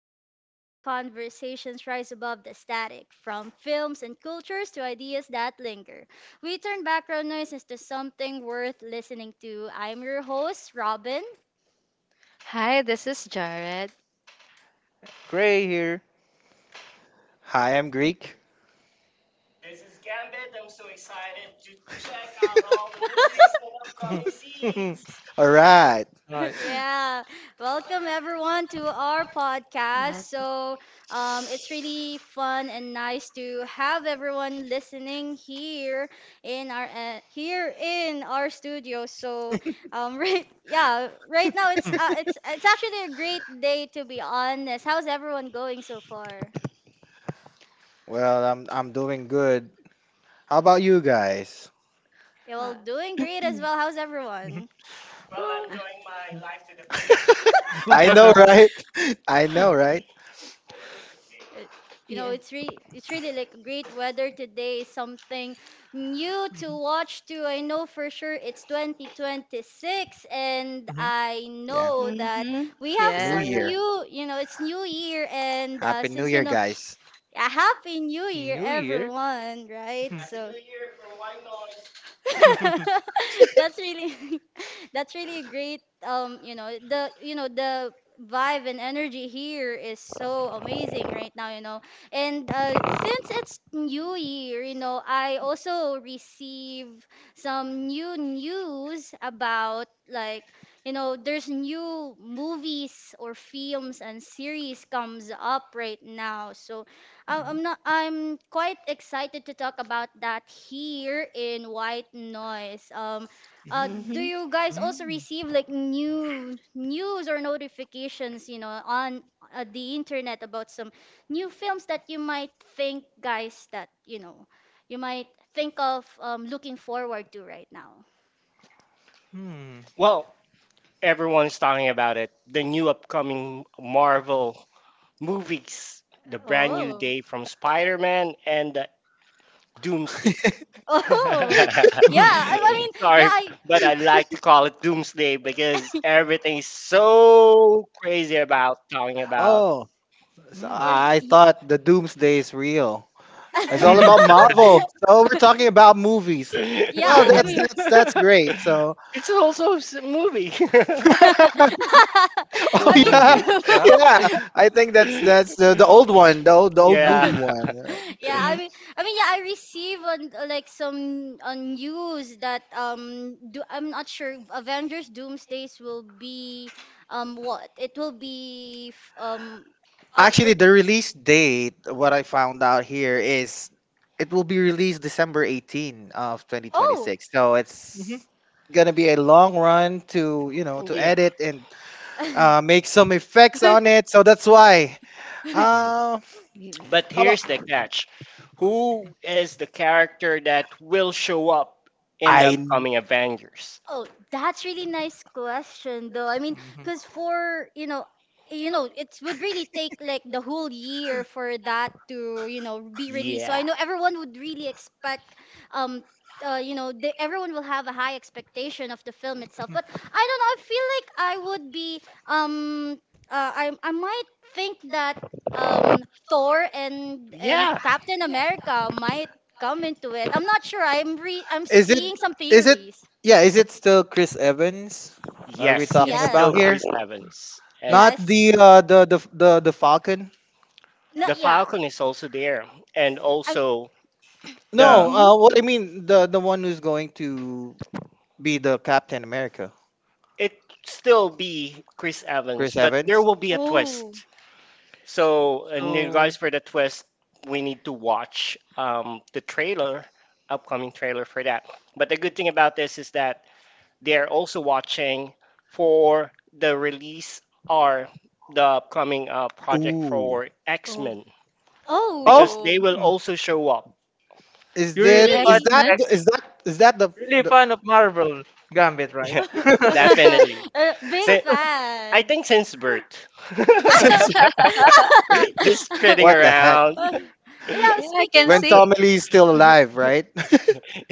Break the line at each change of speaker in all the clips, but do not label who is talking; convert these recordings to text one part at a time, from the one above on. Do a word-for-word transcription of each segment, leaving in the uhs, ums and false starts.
a podcast where conversations rise above the static, from films and cultures to ideas that linger. We turn background noise into something worth listening to. I'm your host, Robin.
Hi, this is Jared.
Gray here.
Hi, I'm Greek. All right.
Right.
yeah. Welcome everyone to our podcast.
Well,
So, um, it's really fun and nice to have everyone listening here in our uh, here in our studio. So, um, right, yeah, right now it's
Mm.
uh, it's it's actually a great day to be honest. How's everyone going so far?
Well, I'm I'm doing good. How about you guys?
Yeah, well,
uh,
doing great as well. How's
Mhm.
everyone?
Well-
uh,
fullest. I know, right? I know, right?
Uh, You know,
yeah.
it's re it's really like great weather today, something new to watch too. I know for sure it's twenty twenty-six and
Mhm. Mhm.
I
Yeah.
know that
Mhm.
we have
New
Yeah.
some
Year.
new, you know, it's new year, and
Happy
uh,
New
since you
Year,
know
guys.
a happy new year,
New Year.
everyone, right? So that's really that's really a great um you know the you know the vibe and energy here is so amazing right now, you know and uh since it's new year, you know I also receive some new news about like, you know there's new movies or films and series comes up right now. So I- I'm not I'm quite excited to talk about that here in White Noise. Um uh
Mhm.
do
Mhm.
you guys also
Mhm.
receive like new news or notifications, you know, on uh, the internet about some new films that you might think, guys, that, you know, you might think of um looking forward to right now?
Mm.
Well, everyone's talking about it. The new upcoming Marvel movies, the brand new
Oh.
day from Spider Man and the Doomsday.
Oh. Yeah,
Hmm.
I, I mean, yeah,
Sorry,
I
but I like to call it Doomsday because everything's so crazy about talking about.
Oh, so
Mm.
Oh,
I I
yeah.
thought the doomsday is real. It's all about Marvel. So we're talking about movies. Well,
yeah, I
that's
It's
mean
that's that's great. So,
also a s- movie.
I
oh
Still
yeah,
movie.
mean,
Yeah.
yeah. I think that's that's the, the old one, the old the old movie
Yeah.
one, right?
yeah, I
Mhm.
mean, I mean, yeah, I receive on uh, like some on news that um, do, I'm not sure if Avengers Doomsdays will be, um what? It will be f- um up
Actually,
on,
the release date, what I found out here is, it will be released December eighteenth of
oh.
twenty twenty-six. So it's
Mhm.
gonna be a long run to you know to
Yeah.
edit and uh, make some effects on it. So that's why. Uh,
Yeah.
But
how about
here's the catch. Who is the character that will show up in the
I?
upcoming Avengers?
Oh, that's really nice question though. I mean,
Mhm.
because for, you know, you know, it would really take like the whole year for that to, you know, be released. So I
Yeah.
know everyone would really expect um uh, you know, they, everyone will have a high expectation of the film itself. But I don't know, I feel like I would be, um uh, I I might think that um Thor and um,
Yeah.
Captain America might come into it. I'm not sure. I'm re I'm
Is it
seeing some
is it
theories.
Yeah, is it still Chris Evans? Are we
Yes,
talking
it's
Yeah,
still
about here?
Chris Evans. And
Not
yes.
the uh the the the, the Falcon?
No,
the
yeah.
Falcon is also there. And
I'm.
also the
No,
Mhm.
uh what I mean the the one who's going to be the Captain America.
it still be Chris Evans,
Chris
but
Evans?
there will be a
Oh,
twist. So in
So
regards for the twist, we need to watch um, the trailer, upcoming trailer for that. But the good thing about this is that they're also watching for the release or the upcoming uh, project
Ooh.
for X
oh.
Men
Oh,
because they
Oh,
will
hmm,
also show up.
is
you're
that
really fan,
is
really?
that?
X-Men.
Is that is that the,
really
the
fan of Marvel Gambit, right?
Yeah, definitely.
A big
Si- I
fan.
think since birth.
since-
Just kidding
what the heck?
around.
Now,
yeah, I
speaking
can
When
of.
see.
Tommy Lee is still alive, right?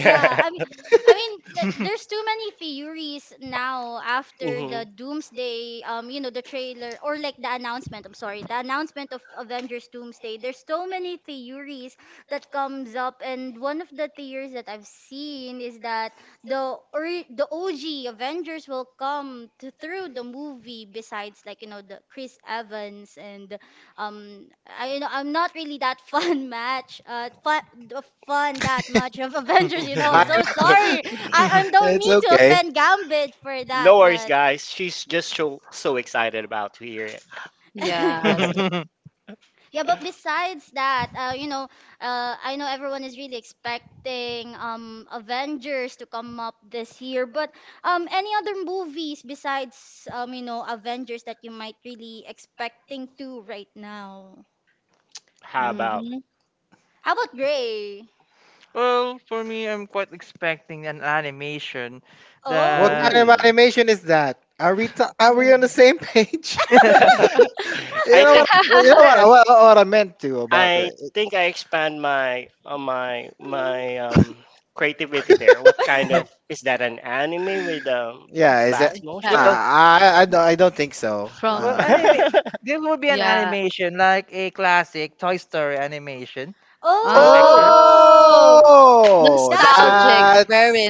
Yeah, I mean, I mean, like, there's too many theories now after
Hmm.
the Doomsday, um, you know, the trailer or like the announcement. I'm sorry, the announcement of Avengers Doomsday. There's so many theories that comes up, and one of the theories that I've seen is that the or the O G Avengers will come to, through the movie. Besides, like, you know, the Chris Evans and um I, you know, I'm not really that fun match uh fun fun that much of Avengers. You know,
I
I'm so
know.
sorry, I I don't
It's
mean to
okay.
offend Gambit for that,
No worries,
but
guys. She's just so so excited about to hear it.
Yes.
yeah, but besides that, uh you know, uh I know everyone is really expecting um Avengers to come up this year, but um any other movies besides, um you know, Avengers that you might really expecting to right now?
How about?
Mhm.
How about Gray?
well, for me, I'm quite expecting an animation
What
that
Oh.
kind of
Ooh.
animation is that? Are we ta- are we on the same page? you
I
know
think
what? well, You know what?
yes,
What, what I meant to about
I
it.
think I expand my uh, my my um creativity there. What kind of is that, an anime with um
Yeah,
S-
is it?
uh,
fast
Uh,
cha-
motion?
well,
I I don't I don't think so.
well,
From
Uh,
anime. This will be an
yeah.
animation like a classic Toy Story animation from
Oh,
Pixar.
Oh,
Oh,
oh,
that's
so
nostalgic,
nice.
very
that's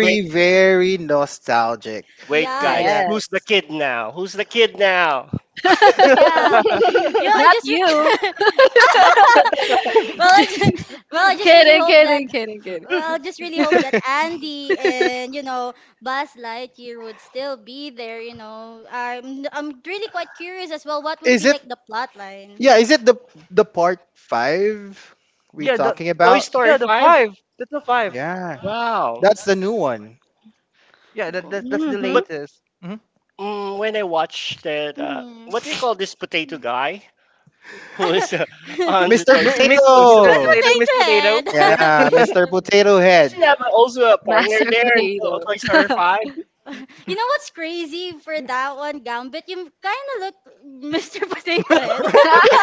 wait,
very nostalgic.
wait,
Yeah,
guys,
Yeah,
it's
who's the
Yes.
kid now? Who's the kid now?
yeah. Yeah, I
Not
just re-
you.
well, I just,
Just
well, I just really
kidding,
hope that,
kidding, kidding, kidding.
well, I just really hope that Andy and, you know, Buzz Lightyear would still be there. You know, I'm I'm really quite curious as well. What would
Is
be
it?
like the plot line?
Yeah, is it the the part five we
yeah, the
talking
Toy
about?
Story
yeah the
Five.
five. That's the five.
Yeah,
Wow.
that's the new one.
Yeah,
D-
that, that that's the
Mm-hmm.
But
latest. Hmm.
mm when I watched that, uh,
mhm.
what do you call this potato guy, who is uh, on the
mister
Toy
Mi-
Story?
Miss Po- Mister
Mashed
Potato.
Potato, Miss
potato
Potato.
Yeah,
Does
Yeah.
mister
head.
Potato Head.
he have also a partner
Master
there in
potato.
Toy Toy Story five?
You know what's crazy for that one, Gambit? You kind of look Mister Potato Head.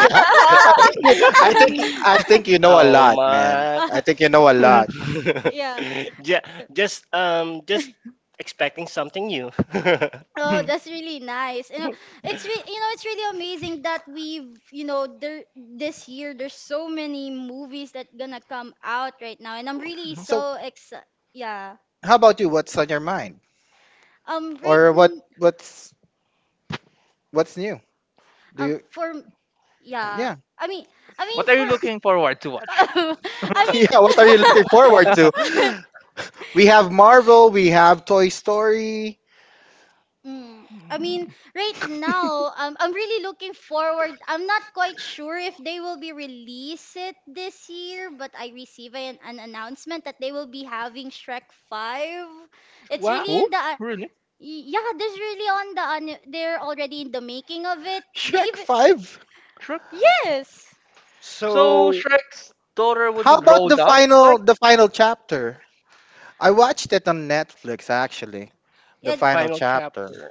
Yeah, I think you, I think you- I think you know a
Oh
lot, man.
my.
I think you know a lot.
yeah.
Yeah, just um just expecting something new.
Oh,
Mhm.
that's really nice. You know, it's re- you know, it's really amazing that we've, you know, there this year there's so many movies that gonna come out right now, and I'm really
Mhm.
So,
so excited. Yeah.
how about you? What's on your mind,
Um, right.
or what
n-
what's what's new? Do
Um,
you?
for Yeah.
Yeah,
I mean, I mean
What are you
for.
looking forward to watch?
yeah. What are
I
you looking forward to?
mean.
We have Marvel, we have Toy Story,
Mm. I mean, right now, um, I'm really looking forward. I'm not quite sure if they will be release it this year, but I receive an, an announcement that they will be having Shrek five. It's
Wow.
really
Oh,
in the uh,
really?
y- yeah, there's really on the an- they're already in the making of it. They
Shrek
even
five.
Shrek.
yes.
So
So
Shrek's daughter would be
How about
grown
the
up, like.
final the final chapter? I watched it on Netflix actually. The
It,
final
it,
final
chapter.
chapter.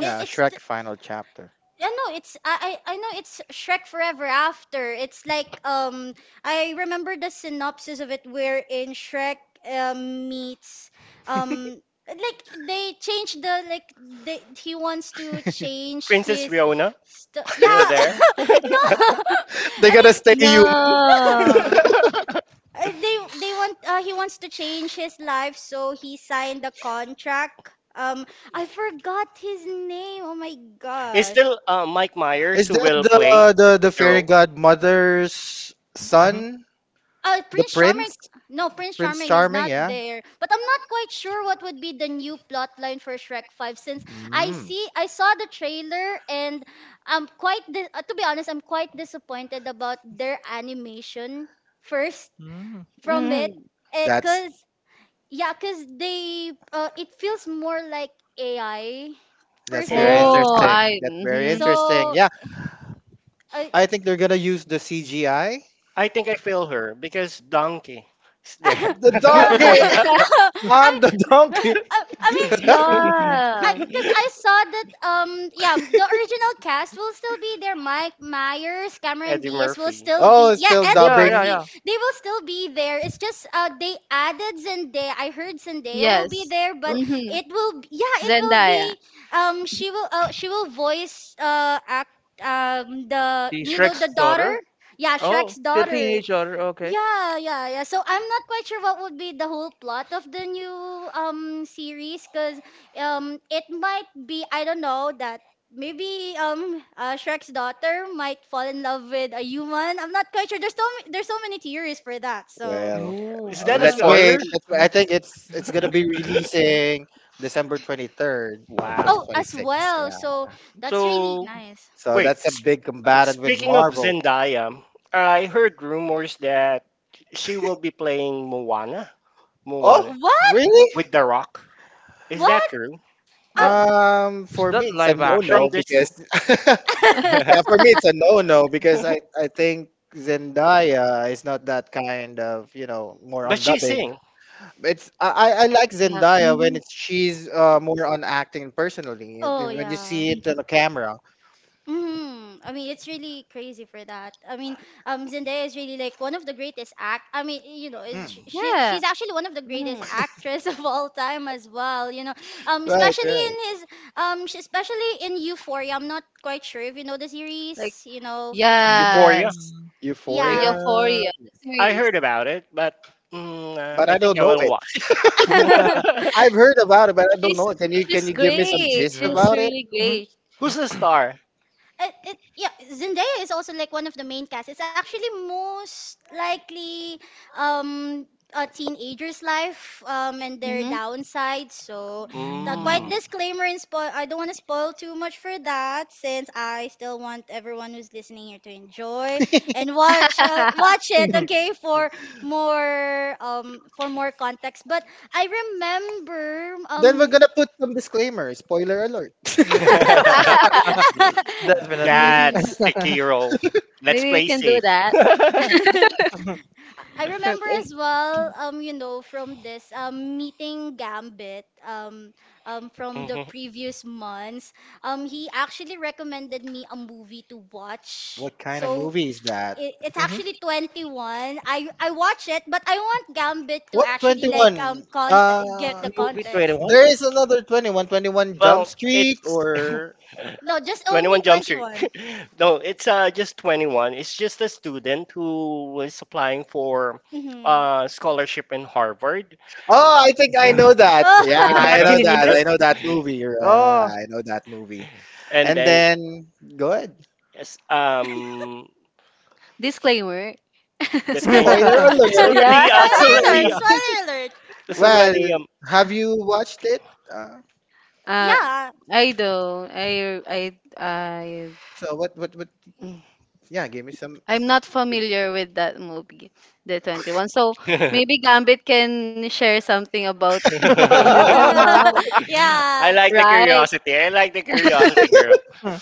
it- it's,
Shrek final chapter.
yeah, no, it's I I I know it's Shrek Forever After. It's like um I remember the synopsis of it where in Shrek um meets um like they change the like they he wants to change
Princess
his
Riona?
st-
Still
yeah
there?
no
They
I
gotta
mean
stay human.
No.
uh, they they want uh, he wants to change his life, so he signed a contract. um I forgot his name, oh my
It's
gosh.
still uh, Mike Myers
Is
who
that
will
the
play
the the
the
fairy
role.
godmother's
Mhm.
son,
Uh,
the
Prince Charming,
prince,
no, Prince
Prince
Charming is
Charming?
not
Yeah.
there. But I'm not quite sure what would be the new plot line for Shrek five, since I
Mm,
see I saw the trailer and I'm quite di- uh, to be honest, I'm quite disappointed about their animation first
Mm.
from it.
Mm.
Eh,
that's
cause yeah, cause they uh, it feels more like A I per
that's very
Oh.
Yeah.
se.
Oh,
interesting.
I.
That's very
Mm-hmm.
interesting.
So
Yeah.
I
I think they're gonna use the C G I.
I think I feel her because Donkey is there.
I,
The donkey! I'm the donkey!
I mean I
Yeah.
because I saw that, um yeah, the original cast will still be there. Mike Myers, Cameron
Eddie
Diaz will
Murphy.
still
Oh,
be,
it's
yeah,
still
Eddie
Yeah, yeah,
dubbing.
Murphy.
yeah.
They will still be there. It's just uh they added Zendaya. I heard Zendaya will be
Yes.
there, but
Oh,
Mm-hmm.
it will b- yeah, it will
Zendaya.
be, um she will uh, she will voice uh act um the,
the
you know,
Shrek's
the daughter,
daughter.
yeah, Shrek's
Oh, the
daughter,
teenage daughter. Okay.
yeah, yeah, yeah. So I'm not quite sure what would be the whole plot of the new um series, because um it might be, I don't know that maybe um uh, Shrek's daughter might fall in love with a human. I'm not quite sure. There's so ma- there's so many theories for that. So
Well,
No,
Is
uh,
that a
let's
um
yeah.
wait.
spoiler?
Let's wait. I
Mm.
think it's it's gonna be releasing December twenty third of twenty
Wow.
oh,
twenty
as
six.
well.
Yeah.
So that's really
So
nice.
So
Wait,
that's a
s-
big combatant with
Speaking of
Marvel.
Zendaya, I heard rumors that she will be playing Moana.
Oh,
Moana
What?
really?
with The Rock. Is that
What?
true?
that
Oh.
Um,
is
for
that
me, it's a
live
no
action?
From
no
Disney.
because Yeah, for me it's a no-no because I I think Zendaya is not that kind of you know more
But
on
she
dubbing.
sing
It's I I I like
Yeah.
Zendaya when
Mm-hmm.
it's she's uh, more on acting personally, if-
oh
if- when you
yeah.
see it on the camera.
Hmm, I mean, it's really crazy for that. I mean, um, Zendaya is really like one of the greatest act. I mean, you know, is-
Mm.
she, she
Yeah.
she's actually one of the greatest
Mm.
actress of all time as well. You know, um,
Right,
especially
right.
in his um, sh- especially in Euphoria. I'm not quite sure if you know the series.
Like
You know, Euphoria.
Euphoria.
yes.
Mm.
Euphoria,
Yeah.
Euphoria. The
I
series.
heard about it, but mm, uh,
but
I
I
think
don't
I
know
will
it.
watch.
I've heard about it, but I don't
She's
know it. Can you can
she's
you give me some
great.
gist
She's
Yeah.
about it?
really
Hmm.
great.
Who's the star?
it, it yeah, Zendaya is also like one of the main cast. It's actually most likely um a teenager's life um and their
Mm-hmm.
downside. So the
Mm.
quite
Mm.
Mm.
disclaimer and spoil, I don't want to spoil too much for that, since I still want everyone who's listening here to enjoy and watch uh, watch it, okay, for more, um for more context. But I remember
Then we're
um
gonna put some disclaimer. Spoiler alert.
Definitely.
Hmm.
That's the key role. Let's
Maybe we
play
can do
safe.
that.
I
Her
remember
play-
as well, um, you know, from this um, meeting Gambit, um, um, from the
Mhm.
previous months, um, he actually recommended me a movie to watch.
What kind of
So
movie is that?
it, it's
Mhm.
actually twenty-one. I I watch it, but I want Gambit to
What
actually like um
twenty-one?
cont get the
Uh,
Movie
context.
twenty-one?
there is another twenty-one, twenty-one Jump
Well,
Street,
it's
or
No, just only
twenty-one Jump Street.
twenty-one.
No, it's uh, just twenty-one. It's just a student who was applying for
Mm-hmm.
uh, scholarship in Harvard.
Oh,
oh, I think I
the
know that. Yeah,
Oh.
I
Mad
know that.
Genius?
I know that movie. Uh,
Oh.
I know that movie.
And
And
then
then go ahead.
yes, um,
Disclaimer.
the
spoiler
thing,
Spoiler
it's
alert.
Yeah.
already uh, it's
alert!
already uh,
Spoiler alert!
it's
Well,
already um
have you watched it? Uh,
Uh,
Yeah.
I don't. I I I.
so what what what
mm,
yeah, give me some.
I'm not familiar with that movie, the twenty-one. So maybe Gambit can share something about the movie, no?
I
yeah.
like the
Right.
curiosity. I like the curiosity girl.
Hmm.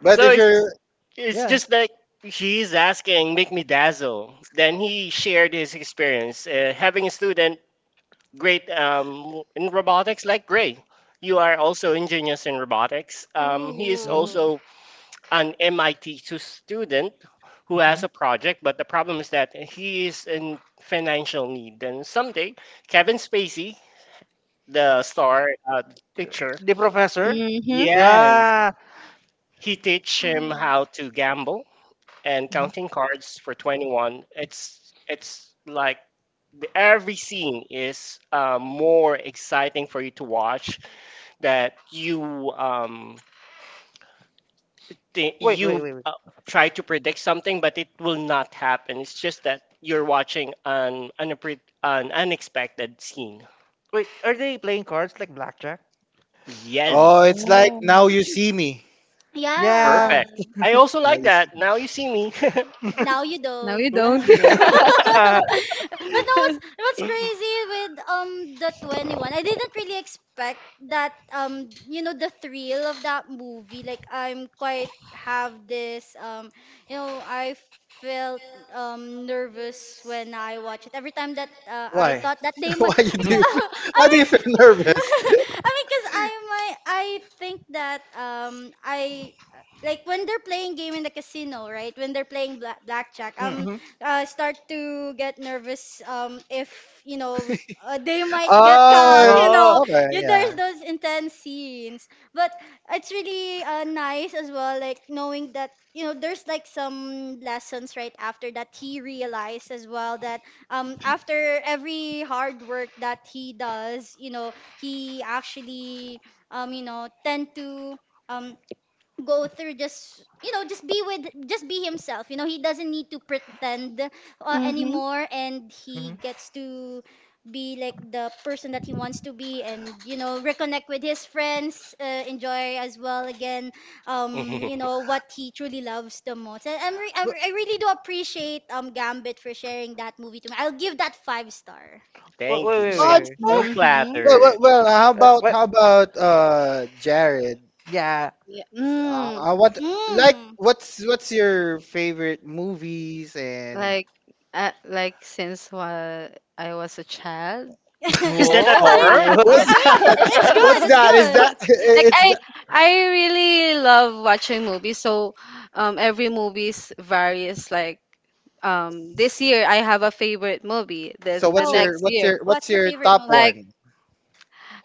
But
So
if
it's
you're,
It's
yeah.
just like he's asking, make me dazzle. Then he shared his experience uh, having a student great um, in robotics like Gray. You are also ingenious in robotics. Um, he is
Mhm.
Oh.
also an M I T tu- student who has a project, but the problem is that he is in financial need. And someday, Kevin Spacey, the star uh, picture,
The Professor?
Mm-hmm.
yes,
Yeah.
he teach him
Hmm.
how to gamble and
Mhm.
counting cards for twenty-one. it's it's like the, every scene is uh, more exciting for you to watch that you um thi-
Wait,
you
wait, wait, wait.
uh, try to predict something but it will not happen. It's just that you're watching an unpre- an unexpected scene.
Wait, are they playing cards like blackjack?
Oh, it's
Yes,
like
Oh.
now you see me.
Yeah.
Yeah.
perfect. I also
Now
like
you
that
see me.
Now You See Me.
Now you
No, you
don't.
Good,
Uh,
don't.
but
good.
no, what's what's crazy with um the twenty-one? I didn't really expect that, um you know, the thrill of that movie. Like I'm quite have this, um you know, I felt um nervous when I watch it. Every time that uh, I
Why?
thought that they
Why
might
you
I
do? You, feel-
mean
why do you feel nervous?
I mean, cuz I might I think that, um I like when they're playing game in the casino, right? When they're playing bla- blackjack,
Hmm.
um,
Mhm.
uh, start to get nervous. Um, if you know, uh, they might get caught.
Oh,
You
Oh.
know,
okay,
you
yeah.
there's those intense scenes, but it's really, uh, nice as well. Like knowing that, you know, there's like some lessons right after that he realized as well, that um after every hard work that he does, you know, he actually um you know tend to um go through, just you know just be with just be himself. You know, he doesn't need to pretend, uh,
Mm-hmm.
anymore, and he
Mhm.
gets to be like the person that he wants to be, and, you know, reconnect with his friends, uh, enjoy as well again, um you know what he truly loves the most. And I'm re- I
W-
re- I really do appreciate um Gambit for sharing that movie to me. I'll give that five star.
Wait,
Thank
wait,
you
wait, wait.
so
Yeah.
Five
wait.
much,
star.
I'm
Mm-hmm.
Well, well,
flattered.
well. How
Uh,
about
what?
how about uh, Jared?
Yeah.
Yeah.
Uh,
Mm.
I want, like,
Mm.
what's what's your favorite movies, and
Like, uh, like since while I was a child,
I
Is that a horror?
mean,
Whoa.
I,
what's
I mean
that?
it's good,
What's
it's
that? Is that
good.
like
it's
I,
that,
I really love watching movies. So, um, every movies varies. Like, um this year I have a favorite movie.
so?
Then the
What's
Oh,
your
next
what's
year,
your what's
what's your
your
favorite
top
like
movie?
one?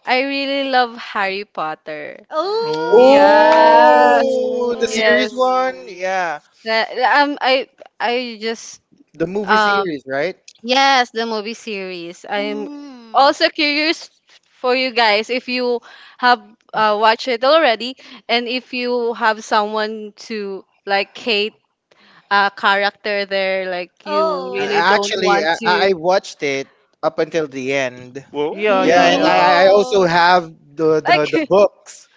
I really love Harry Potter.
Oh.
Oh,
Yes,
Oh, the
oh,
series
yes.
Ooh.
one. Yeah,
The- Um, I I just
the movie
um
series, right?
yes the movie series. I'm
mm,
also curious for you guys if you have uh, watched it already, and if you have someone to like hate a character there like you
Uh,
really
oh,
don't
Actually,
want
I,
to.
I watched it up until the end.
Whoa,
Yeah,
Yeah,
yeah,
and
Mm-hmm.
yeah.
I, I also
no,
have the, the,
Like.
the books,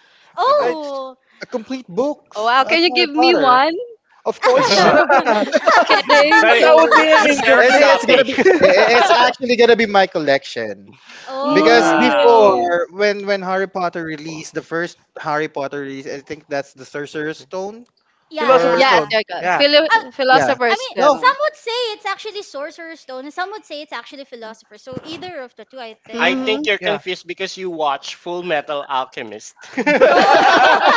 the
I,
book.
oh.
a complete
Oh,
books
wow,
of
can you
Harry
give me
Potter.
one?
Of course not.
but,
but
Kidding,
but
that would
kidding.
be an
it's a Xerox
It's
incomplete.
it's
copy.
gonna be i- it's actually gonna be my collection, because
Yeah.
Oh,
Wow.
Mm,
before when when Harry Potter released, the first Harry Potter release, I think that's the Sorcerer's Stone,
yeah,
Philosopher's
or
yes,
yeah.
Stone.
Erica.
Yeah,
Philo-
I,
yeah.
I
philosopher's
mean,
No,
stone.
some would say it's actually Sorcerer's Stone, and some would say it's actually Philosopher. So either of the two, I
I
think.
think
Mm-hmm.
you're
yeah.
confused because you watch Full Metal Alchemist.
No.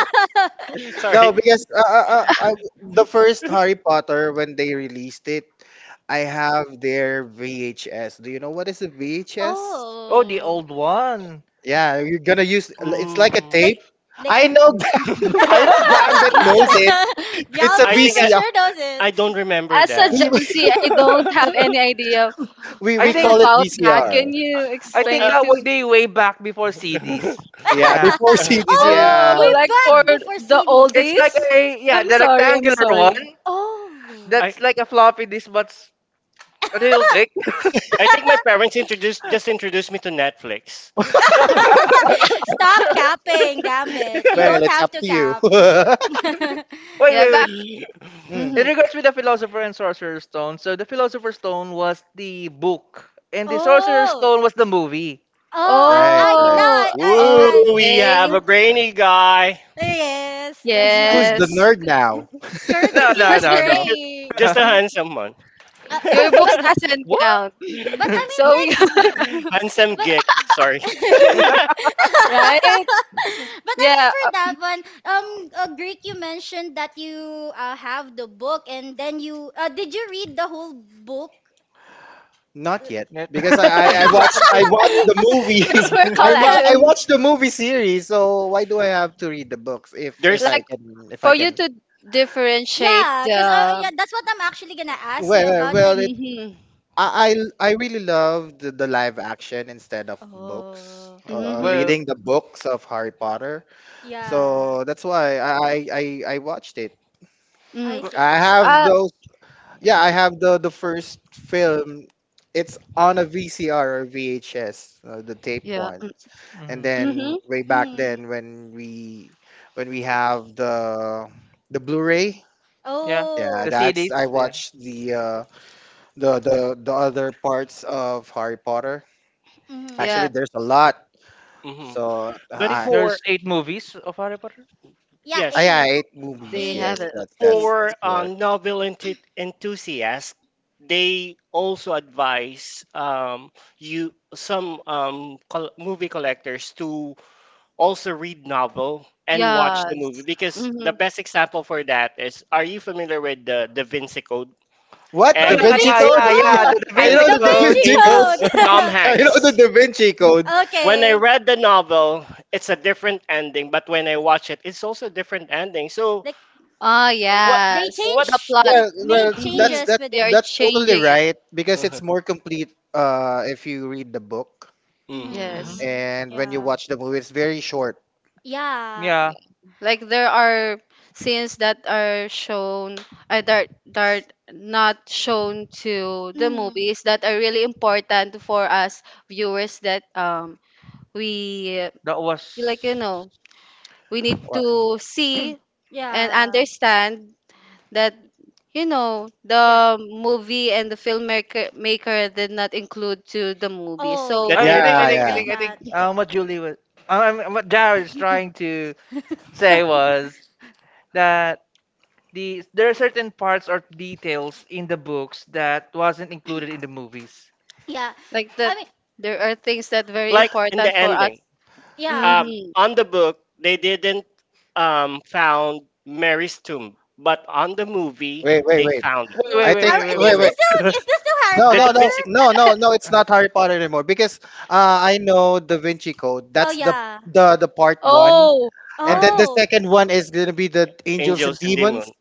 no,
Sorry.
because uh, uh, uh, uh, the first Harry Potter when they released it, I have their V H S. Do you know what is a V H S?
Oh, the
Oh.
old one.
Yeah, you're gonna use it's like a
Mm.
Like
tape.
like
I know Gam- I know Gambit knows it. It's a
I
Gambit
think
for
I,
V C R.
sure does it.
I don't remember
As a
We
that.
Gen Z, I don't have any idea
we
I
we
think
call it
about that.
V C R.
Can you
I think
explain
Well,
it
that
to
would
me?
be way back before C Ds.
Yeah,
Yeah.
before C Ds,
oh,
The,
yeah.
Oh,
we're
like for
back before
the
it's
C Ds.
like
oldies?
a yeah,
I'm
the
sorry, I'm
rectangular one.
sorry.
Oh.
I,
That's like a floppy disk, but s- a little thick.
I think my parents introduced just introduced me to Netflix.
Stop capping, Gambit. You
Well,
don't
it's
have
up
to
to you.
cap.
Wait,
Yeah,
wait, wait.
back.
Mm,
In
Mm-hmm.
regards with the Philosopher and Sorcerer's Stone, so the Philosopher's Stone was the book, and the Sorcerer's
Oh,
Stone was the movie.
oh, I,
right,
I now
right.
Oh,
I, I, I
Ooh, we have
okay.
a
that's,
brainy guy.
yes, that's what
Who's the
Ju-
Yes.
nerd now?
No,
courtesy
no,
of
no, no.
Gray.
Just a handsome one.
Uh,
Your
oh,
books
but
doesn't
What?
count.
but I
So we,
mean like,
Handsome geek. Sorry.
but.
right?
But I mean,
Yeah, uh,
for that one, um, uh, Greek, you mentioned that you uh, have the book, and then you uh, did you read the whole book?
Not yet,
Net-
because I, I, I watched I watched the movie.
just for
I mu- I
collection,
watched the movie series, so why do I have to read the books if if
There's.
I
like
can if I
for you
can
to differentiate
Yeah, because uh,
the.
yeah, that's what I'm actually gonna ask
Well,
you
well,
about.
well,
Like,
it
Mhm,
I I, I really love the, the live action instead of books.
oh,
Uh, uh,
mhm,
well,
reading the books of Harry Potter,
yeah,
so that's why I I I I watched it.
mhm.
I
w-
see.
I have
Uh,
those Yeah, I have the the first film. It's on a V C R or V H S, uh, the tape
yeah,
ones.
mm,
And
mhm.
then
mhm,
way back
Mm.
then when we when we have the the Blu-ray,
Yeah,
yeah,
the
Oh,
that's I
C Ds. Yeah,
watched the uh, the the the other parts of Harry Potter.
yeah,
Actually,
mm.
there's a lot.
Mhm.
So
I
But
think
I
for
there's eight movies of Harry Potter.
Yeah,
yes,
I I
eight,
eight movies.
they have
Yes,
it.
eight.
that's that's
Eight
for
that's
pieces.
correct.
um, novel enth- enthusiasts, they also advise um, you some um, col- movie collectors to also read novel and watch the movie
Yes.
because the
Mhm.
best example for that is, are you familiar with the Da Vinci Code
What
Oh,
Da
and
Da
Yeah,
Vinci
yeah,
Vinci
Code?
yeah, yeah.
yeah,
The
Code,
Da
I
and
Vinci
know
Da
the Da
Code.
Vinci
Vinci Code.
Angels,
Code.
Tom
I know the
Hanks.
Da Vinci Code.
When I read the novel, it's a different ending, but when I watch it, it's also a different ending. So
Okay.
Ah,
what
They
yes,
what?
the
changed,
plot.
they
Well, well,
made
that's
Mhm.
changes
that's
with
They
it.
are
that's totally
changing it.
right, because it's
Mhm.
more complete uh if you read the book,
Mhm.
Hmm.
Yes.
Hmm.
and when you
Yeah.
watch the movie it's very short.
Yeah.
Yeah,
Like there are scenes that are shown uh, that that are not shown to the
Hmm.
movies that are really important for us viewers, that um we uh,
that
like, you
was.
know, we need
Wha-
to see and
Yeah.
understand that, you know,
Yeah.
the movie and the filmmaker maker did not include to the movie.
Oh,
So
The
I, I
yeah.
thing,
think, I
Yeah,
Totally
think, I
yeah.
get
think, I think.
that.
yeah.
Um, what Julie was, um, um, what Jared is trying to say was that the there are certain parts or details in the books that wasn't included in the movies.
Yeah.
like
I
that,
mean,
there are things that very
Like in
important
the
for us.
ending,
Hmm.
yeah.
um, on the book, they didn't um, found Mary's tomb, but on the movie,
Wait, wait,
they
wait.
found it.
Wait,
Uh,
wait,
I
wait,
think,
are,
wait,
is this
wait,
wait,
wait,
wait.
wait.
still is this still Harry
No,
The
no,
Da
Potter?
no,
Vinci Code,
no, no, no. It's not Harry Potter anymore, because uh, I know Da Vinci Code.
Oh,
That's the
yeah.
the the part one,
Oh,
and then
pardon.
the
Oh.
second one is gonna be the Angels and
Angels and
Demons.
Demons.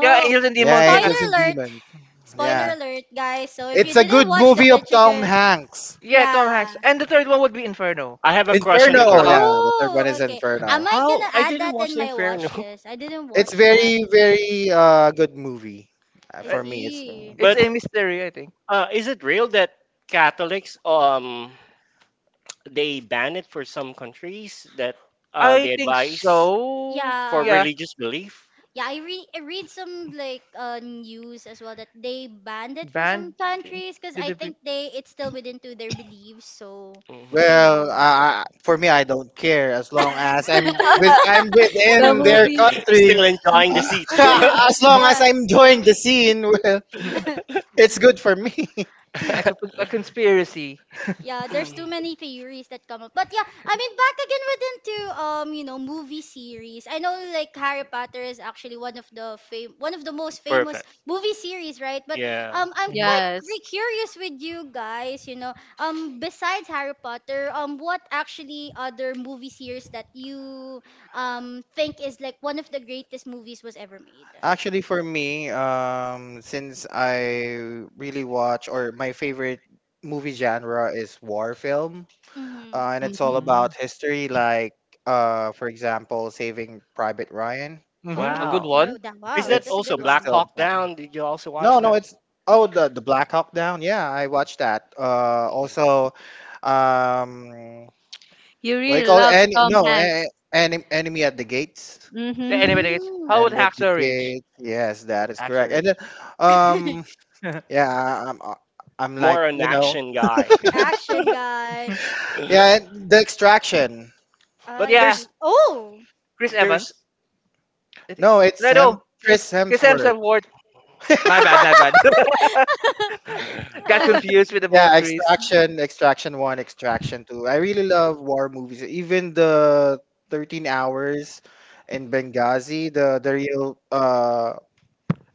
Yeah, Angels and Demons.
Yeah,
Yeah,
Spoiler
Angels and
alert.
Demons.
Spoiler
Yeah,
alert, guys. So if you
it's a
didn't
good
watch
Mhm.
the
movie of Tom
Vichigan,
Hanks.
yeah, Tom Hanks.
yeah.
And the third one would be Inferno.
I have a crush on the
Inferno,
girl.
Yeah,
yeah. The third one
Oh,
is
okay. I
Inferno.
might
Oh,
gonna
I
add
didn't
that
watch
in
the
my
Inferno.
watch list. I didn't
It's
watch that.
very,
you know.
very uh good movie. Uh,
I
uh,
For me, it's
see.
it's
But
a mystery, I think.
uh, is it real that Catholics um they ban it for some countries, that uh,
I
they
think
advise
so.
for
Yeah,
Yeah.
religious belief?
yeah, I read i read some like uh news as well that they banned it for some
Band
countries because
did
I
they be-
think they it's still within to their beliefs, so
Mhm.
you
well,
know
uh, for me, I don't care, as long as I'm with I'm
the
within their
movie.
country.
Still enjoying the
Anything?
seat.
Uh, as long
yeah.
as I'm enjoying the scene, well,
Hmm.
it's good for me.
A, co- a conspiracy.
Yeah, there's too
Mm.
many theories that come up. But yeah, I mean back again with into um, you know, movie series. I know like Harry Potter is actually one of the fam- one of the most famous
Perfect.
movie series, right? But
Yeah.
um I'm
Mm-hmm.
quite
Yes.
cre- curious with you guys, you know. Um besides Harry Potter, um what actually other movie series that you um think is like one of the greatest movies was ever made?
Actually, for me, um, since I really watch, or my favorite movie genre is war film.
Mhm.
Uh, and it's all
Mm-hmm.
Mm.
about history, like, uh, for example, Saving Private Ryan.
Mm-hmm. A
Oh,
good
Wow.
one.
good. That,
Is
wow,
that
It's
that's a good
also
it's
Black
one.
still
Hawk
fun.
Down? Did you also watch
No, no,
that?
it's, oh, the the Black Hawk Down. Yeah, I watched that. Uh,
Mhm.
also, um,
You
what do you
really
call it?
love
Any,
Tom
no, eh,
Hanks.
Enem- Enemy at the Gates.
Yeah, anyway,
Mm-hmm.
that is-
Mm,
how would
Enemy at the
Hacksaw Ridge?
Gates. Yes, that is
Hacksaw
correct. And then,
Ridge.
um, yeah, I- I'm uh, I'm like
More an
you know,
action guy.
action guy.
yeah, and the Extraction.
But
I
Yeah,
there's
see. Oh,
Chris
there's
Evans. I think-
No, it's
No,
Hem
no,
Chris
it's Chris
Hemsworth.
Hemsworth. Ward. My bad, my bad. Got
oh.
confused with the both
Yeah,
Chris.
Extraction, Extraction one, Extraction two. I really love war movies. Even the thirteen Hours in Benghazi, the the real uh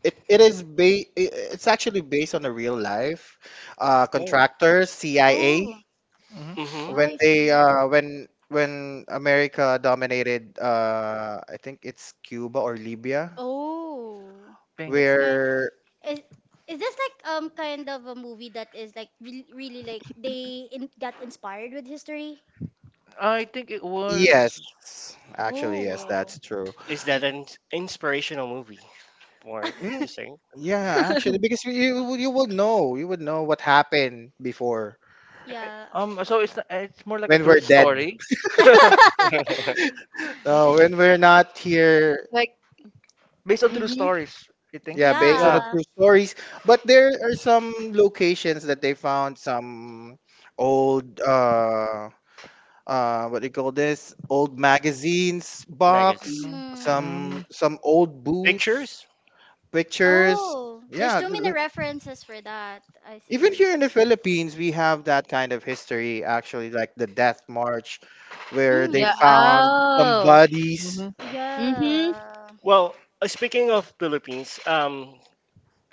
it, it is ba- I- it's actually based on a real life, uh
oh.
contractors, C I A,
Oh,
Hmm.
Hmm.
when
I
they
see.
uh when when America dominated, uh I think it's Cuba or Libya,
Oh,
Pink.
that's guy.
where
Is is this like um kind of a movie that is like re really like they in got inspired with history?
I think it was
yes, actually yes,
Oh,
that's true.
Is that an ins- inspirational movie? More
Mm,
to say.
yeah, actually, because you you would you would know you would know what happened before
I- I-
yeah.
um. So it's not- it's more like a
when
true
we're dead.
story,
Uh,
Eh,
when we're not here,
Like,
based on true
mm-hmm.
stories. I think.
yeah, based on
Yeah.
the
Yeah.
true stories. But there are some locations that they found some old uh uh what do you call this? Old magazines
Magazine.
box,
Mhm.
Mm.
Mm,
some some old boots,
Pictures?
pictures.
Oh, there's
Yeah,
too
th-
many
look,
references for that. I
even
see.
here in the Philippines, we have that kind of history actually, like the Death March, where they
Yeah.
Mm.
found some
Oh.
bodies.
mhm.
Mm-hmm.
Yeah.
Well, uh, speaking of Philippines, um,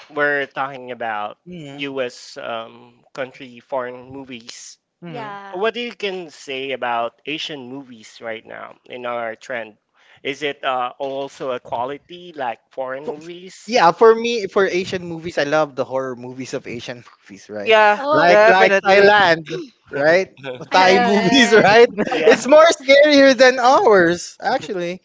we're talking about
Mhm.
U S. Um, country foreign movies.
Mhm.
Yeah.
What do you can say about Asian movies right now in our trend? Is it uh, also a quality like foreign
For-
movies?
Yeah, for me, for Asian movies, I love the horror movies of Asian movies, right?
Yeah,
Oh,
Like like
definitely.
Thailand, right?
I
Thai
can't. I
movies,
Thailand.
right?
Yeah.
It's more scarier than ours, actually.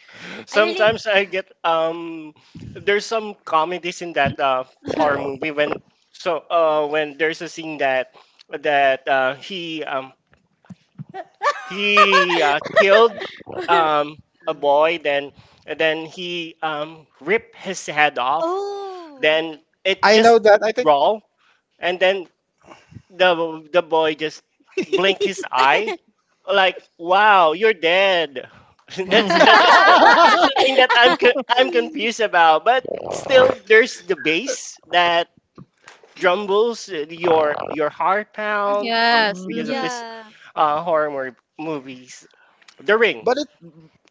I really.
Sometimes I get um there's some comedies in that uh, horror movie, when so uh when there's a scene that that uh, he um he uh, killed um a boy, then and then he um ripped his head off,
Oh.
then it
I
just
know that. I think.
raw, and then the the boy just blinked his eye, like, "Wow, you're dead." That's that, that's the, that's the thing that I'm co- I'm confused about. But still, there's the bass that drumbles uh, your your heart pound uh,
Yes.
because
Mhm.
of
Mm-hmm.
this
Yeah.
uh, horror mor- movies, The Ring.
But it,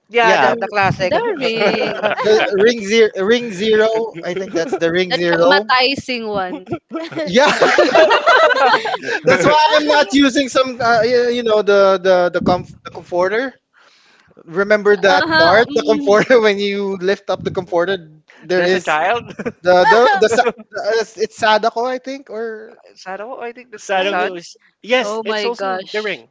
Yeah,
yeah,
The
the the classic.
the ring.
the ring zero, ring zero. I think that's the ring
The
zero.
traumatizing one.
Yeah. That's why I'm not using some, uh, y- you know, the the the, comf- the comforter. Remember that
Uh-huh.
part, the
Mm.
comforter. When you lift up the comforter, there
There's a
is
child.
the the the, sa- the uh, it's Sadako, I think, or
Saro, I think that's the
I know.
Sadako
son.
is, yes,
Oh
it's
my
also The
gosh.
Ring,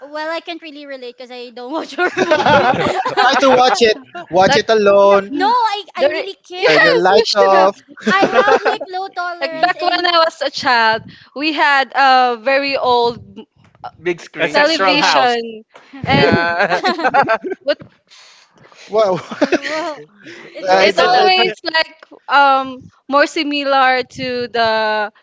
Well, I can't really relate because I don't watch horror movies.
try to watch it. Watch
Like,
it
No,
alone.
no,
mm,
I, I
there I-
really
Turn your
can't.
yes, you
lights
No,
should.
off.
I have like low
Like
tolerance
back when
and
I was a child, we had a very old m-
Big screen.
Ancestral
yeah.
House.
television and
Yeah.
what.
Wow,
Well, it's
Go
uh,
It
Is
re-
it's,
that
go
always
it's
that?
like um more similar to the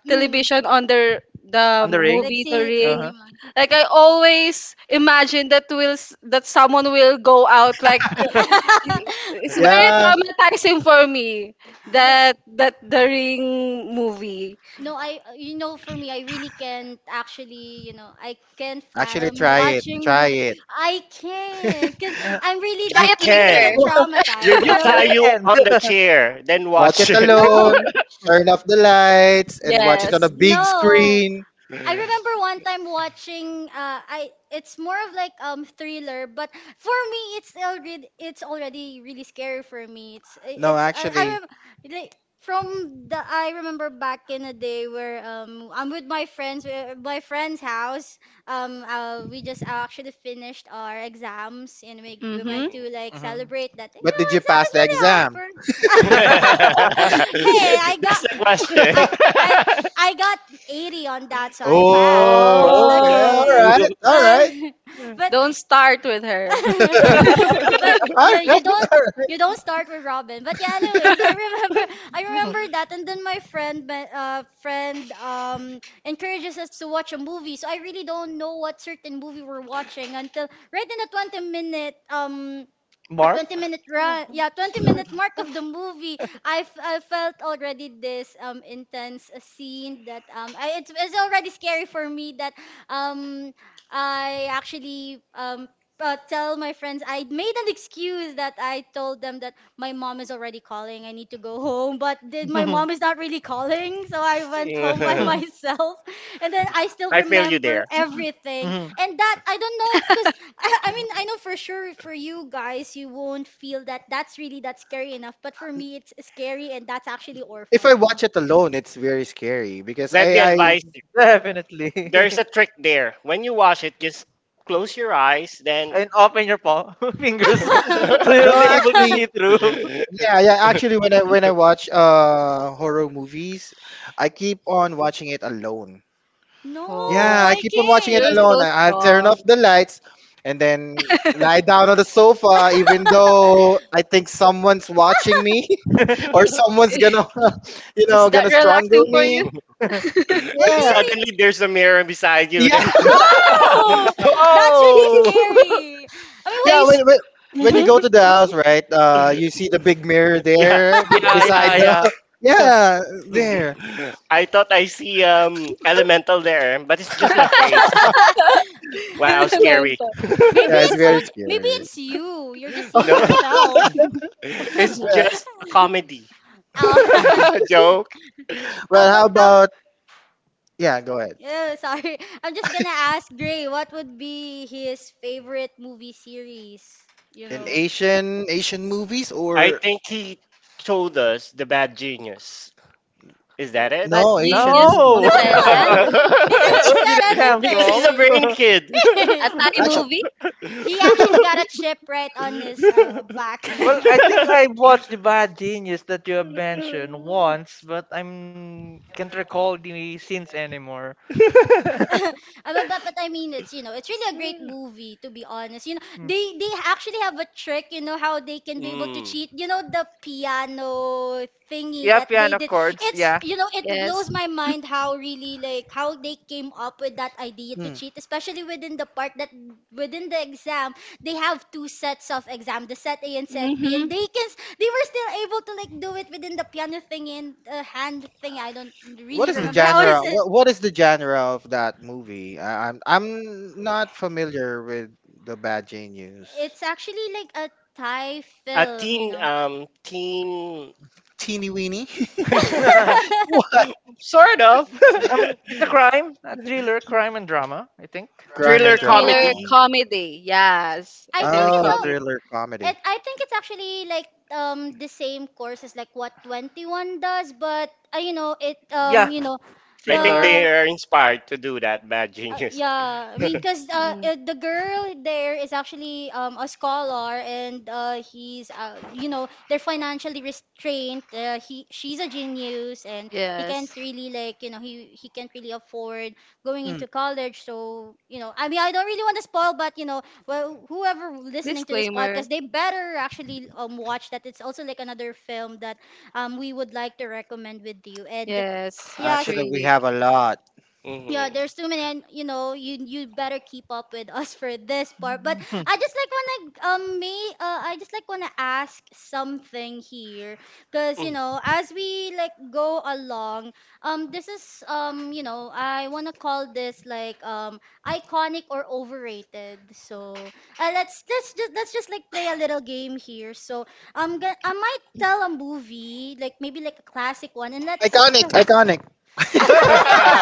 mm,
television on the the
on the
like
ring.
movie The
ci-
Uh
Ring.
huh.
cinema.
Like I always imagine that will s- that someone will go out like. It's very
yeah.
traumatizing for me
No.
that that The Ring movie.
No, I, you know, for me, I really can't actually, you know, I can't
Actually,
fathom
try it.
watching
Try
movie.
it.
I can't, because I'm really
Try
You
that
it
easily get
later.
can. We
traumatized, you
will
You
tie
know.
you
can.
on the chair, then
Watch
watch
it
it.
No,
alone, turn off the lights, and watch it on a
Yes.
big
no,
screen.
I remember one time watching uh I it's more of like um thriller. But for me, it's already it's already really scary for me. it's
No,
it's uh,
actually.
I rem- like from the I remember back in the day where um I'm with my friends, uh, my friend's house. Um uh, we just actually finished our exams, and we we went
Mhm.
Mhm.
to like
Mhm.
celebrate that, you
But
know,
did you
exam
pass
is
the
really
exam?
hard. Hey, I
That's
got
the question.
I I I got eighty on that, so I
Oh,
No.
passed.
okay. All
Oh,
Okay.
right. All
But
right.
but
don't start with her.
but
All
you you
right.
don't
All right.
you don't start with Robin. But yeah, anyways, I remember I
Mhm.
remember that, and then my friend me- uh friend um encourages us to watch a movie. So I really don't know what certain movie we're watching until right in the twenty minute um a
Mark.
twenty minute run yeah twenty minute mark of the movie. i, f- I felt already this um intense uh, scene that um I, it's, it's already scary for me that um I actually um uh, tell my friends. I made an excuse that I told them that my mom is already calling. I need to go home, but then my
Mhm.
mom is not really calling, so I went home by myself. And then I still
I feel you
remember
there.
everything,
Mhm.
and that I don't know because I, I mean, I know for sure for you guys, you won't feel that that's really that scary enough. But for me, it's scary, and that's actually
If I
orphan.
watch it alone, it's very scary, because
Let
I,
me
I
advise you.
Definitely.
There's a trick there. When you wash it, just close your eyes. Then
And open your paw fingers
then
so
no,
you'll be able to see
actually,
through.
yeah, yeah, actually, when I when I watch uh horror movies, I keep on watching it alone.
No,
Yeah,
Oh,
I
I
keep on watching it
you're
alone.
can't.
so
I- I'll turn off
strong.
the lights and then lie down on the sofa, even though I think someone's watching me or someone's gonna, you
Is
know,
that
gonna
relaxing
strangle
for you?
me.
What do
Yeah,
you
suddenly
read?
there's a mirror beside you.
yeah,
Then,
No, that's really
whoa!
scary. I
Hey,
yeah.
mean,
When,
s-
when, when you
mhm.
go to the house, right? Uh, you see the big mirror
Yeah,
there
Yeah,
beside
yeah,
the.
yeah.
Yeah, there.
I thought I see um elemental there, but it's just my face.
what?
Wow, scary.
Elemento.
Do... maybe
Yeah, it's
it's
very
own. Maybe
scary.
it's you. You're just seeing
No,
yourself.
it's
Mhm.
Well,
just a comedy
Oh,
joke.
how
well,
about
how
how
about yeah? Go ahead.
Oh, sorry. I'm just gonna ask Gray what would be his favorite movie series, you
In
know.
Asian Asian movies
I
or?
think he told us the bad genius. Is that it?
But
No, Asian
Genius
movies,
from
No,
right?
No!
Thailand.
He didn't
Catch.
where did
said
it come
Because he's
from?
a
anything.
brainy kid.
A Thai
Actually,
movie?
He actually got a chip right on his uh, back.
Well, I think I watched the Bad Genius that you have mentioned once, but I'm can't recall the scenes anymore.
Uh, but, but but I mean it's you know it's really a great movie, to be honest. You know
Hmm.
they they actually have a trick. You know how they can be able to
Mm.
cheat. You know the piano thingy
Yeah,
that they
piano
did.
chords.
It's
Yeah.
you know It blows
Yes.
my mind how really like how they came up with that idea to
hmm.
cheat, especially within the part that within the exam they have two sets of exam, the set A and set B,
Mm-hmm.
and they can s- they were still able to like do it within the piano thing and uh, hand thing. I don't
What
really
is the
Hmm.
remember how is
genre?
it.
What What is the genre of that movie? I, I'm I'm not familiar with the Bad Genius.
It's actually like a Thai
A
film, you
teen,
know.
um, teen,
Teeny weeny. What?
sort of,
Um, it's a crime, a thriller, crime and drama. I think.
Crime and
Like a
thriller
drama.
Yeah.
thriller
comedy.
comedy. Yes. A
I
thriller
think it's
Oh,
comedy.
thriller
a
comedy.
it, I think it's actually like um the same course as like what twenty one does, but uh, you know, it
Yeah,
um you know
I think
similar.
they
the.
are inspired to do that bad
Uh,
genius.
yeah, I mean, cause uh,
Mm.
uh, the girl there is actually um a scholar, and uh, he's uh, you know, they're financially restrained. Uh, he she's a genius, and he can't
Yes.
really like, you know he he can't really afford going
Mm,
into college. So you know, I mean, I don't really want to spoil, but you know, well, whoever listening to this
Disclaimer.
podcast, they better actually um watch that. It's also like another film that um we would like to recommend with you, and
Yes,
yeah,
it's
Actually, we
really
have a lot.
yeah,
Mhm.
there's too many, and you know, you you better keep up with us for this part. But I just like wanna um may uh I just like wanna ask something here, cause you
Mm.
know as we like go along, um this is um you know I wanna call this like um iconic or overrated. So uh, let's let's just let's just like play a little game here. So I'm gonna I might tell a movie like maybe like a classic one, and let's
Iconic,
try.
iconic.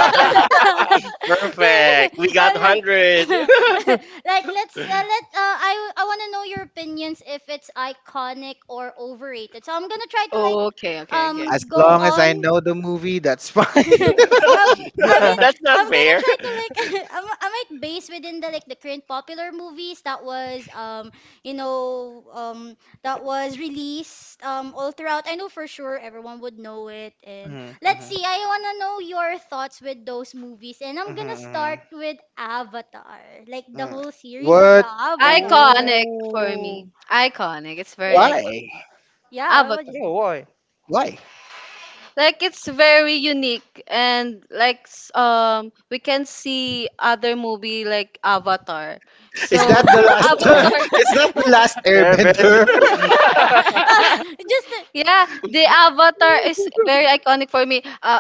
There-
Perfect. We got
uh,
one hundred.
like let's uh, let uh, I I want to know your opinions if it's iconic or overrated. So I'm gonna try to like
okay, okay, okay.
um
As
go
long as I
on.
know the movie, that's fine.
um, I mean,
That's
I'm
not
gonna
fair.
try to like, I'm, I might base within the like the current popular movies that was um, you know, um, that was released um all throughout. I know for sure everyone would know it, and
Hmm.
let's
Hmm.
see. I wanna know your thoughts with those movies, and I'm gonna
Hmm.
start with Avatar, like the
Hmm.
whole series of the
What?
Avatar.
Iconic for me.
Ooh.
Iconic. It's very
Yeah,
Why?
iconic.
yeah. What would
Avatar.
you
Yeah,
say?
why?
Why?
Like it's very unique and like s- um we can see other movie like Avatar.
Is
So
that the last?
Avatar,
is that the last
Airbender?
Airbender?
Just.
yeah, the Avatar is very iconic for me. Uh,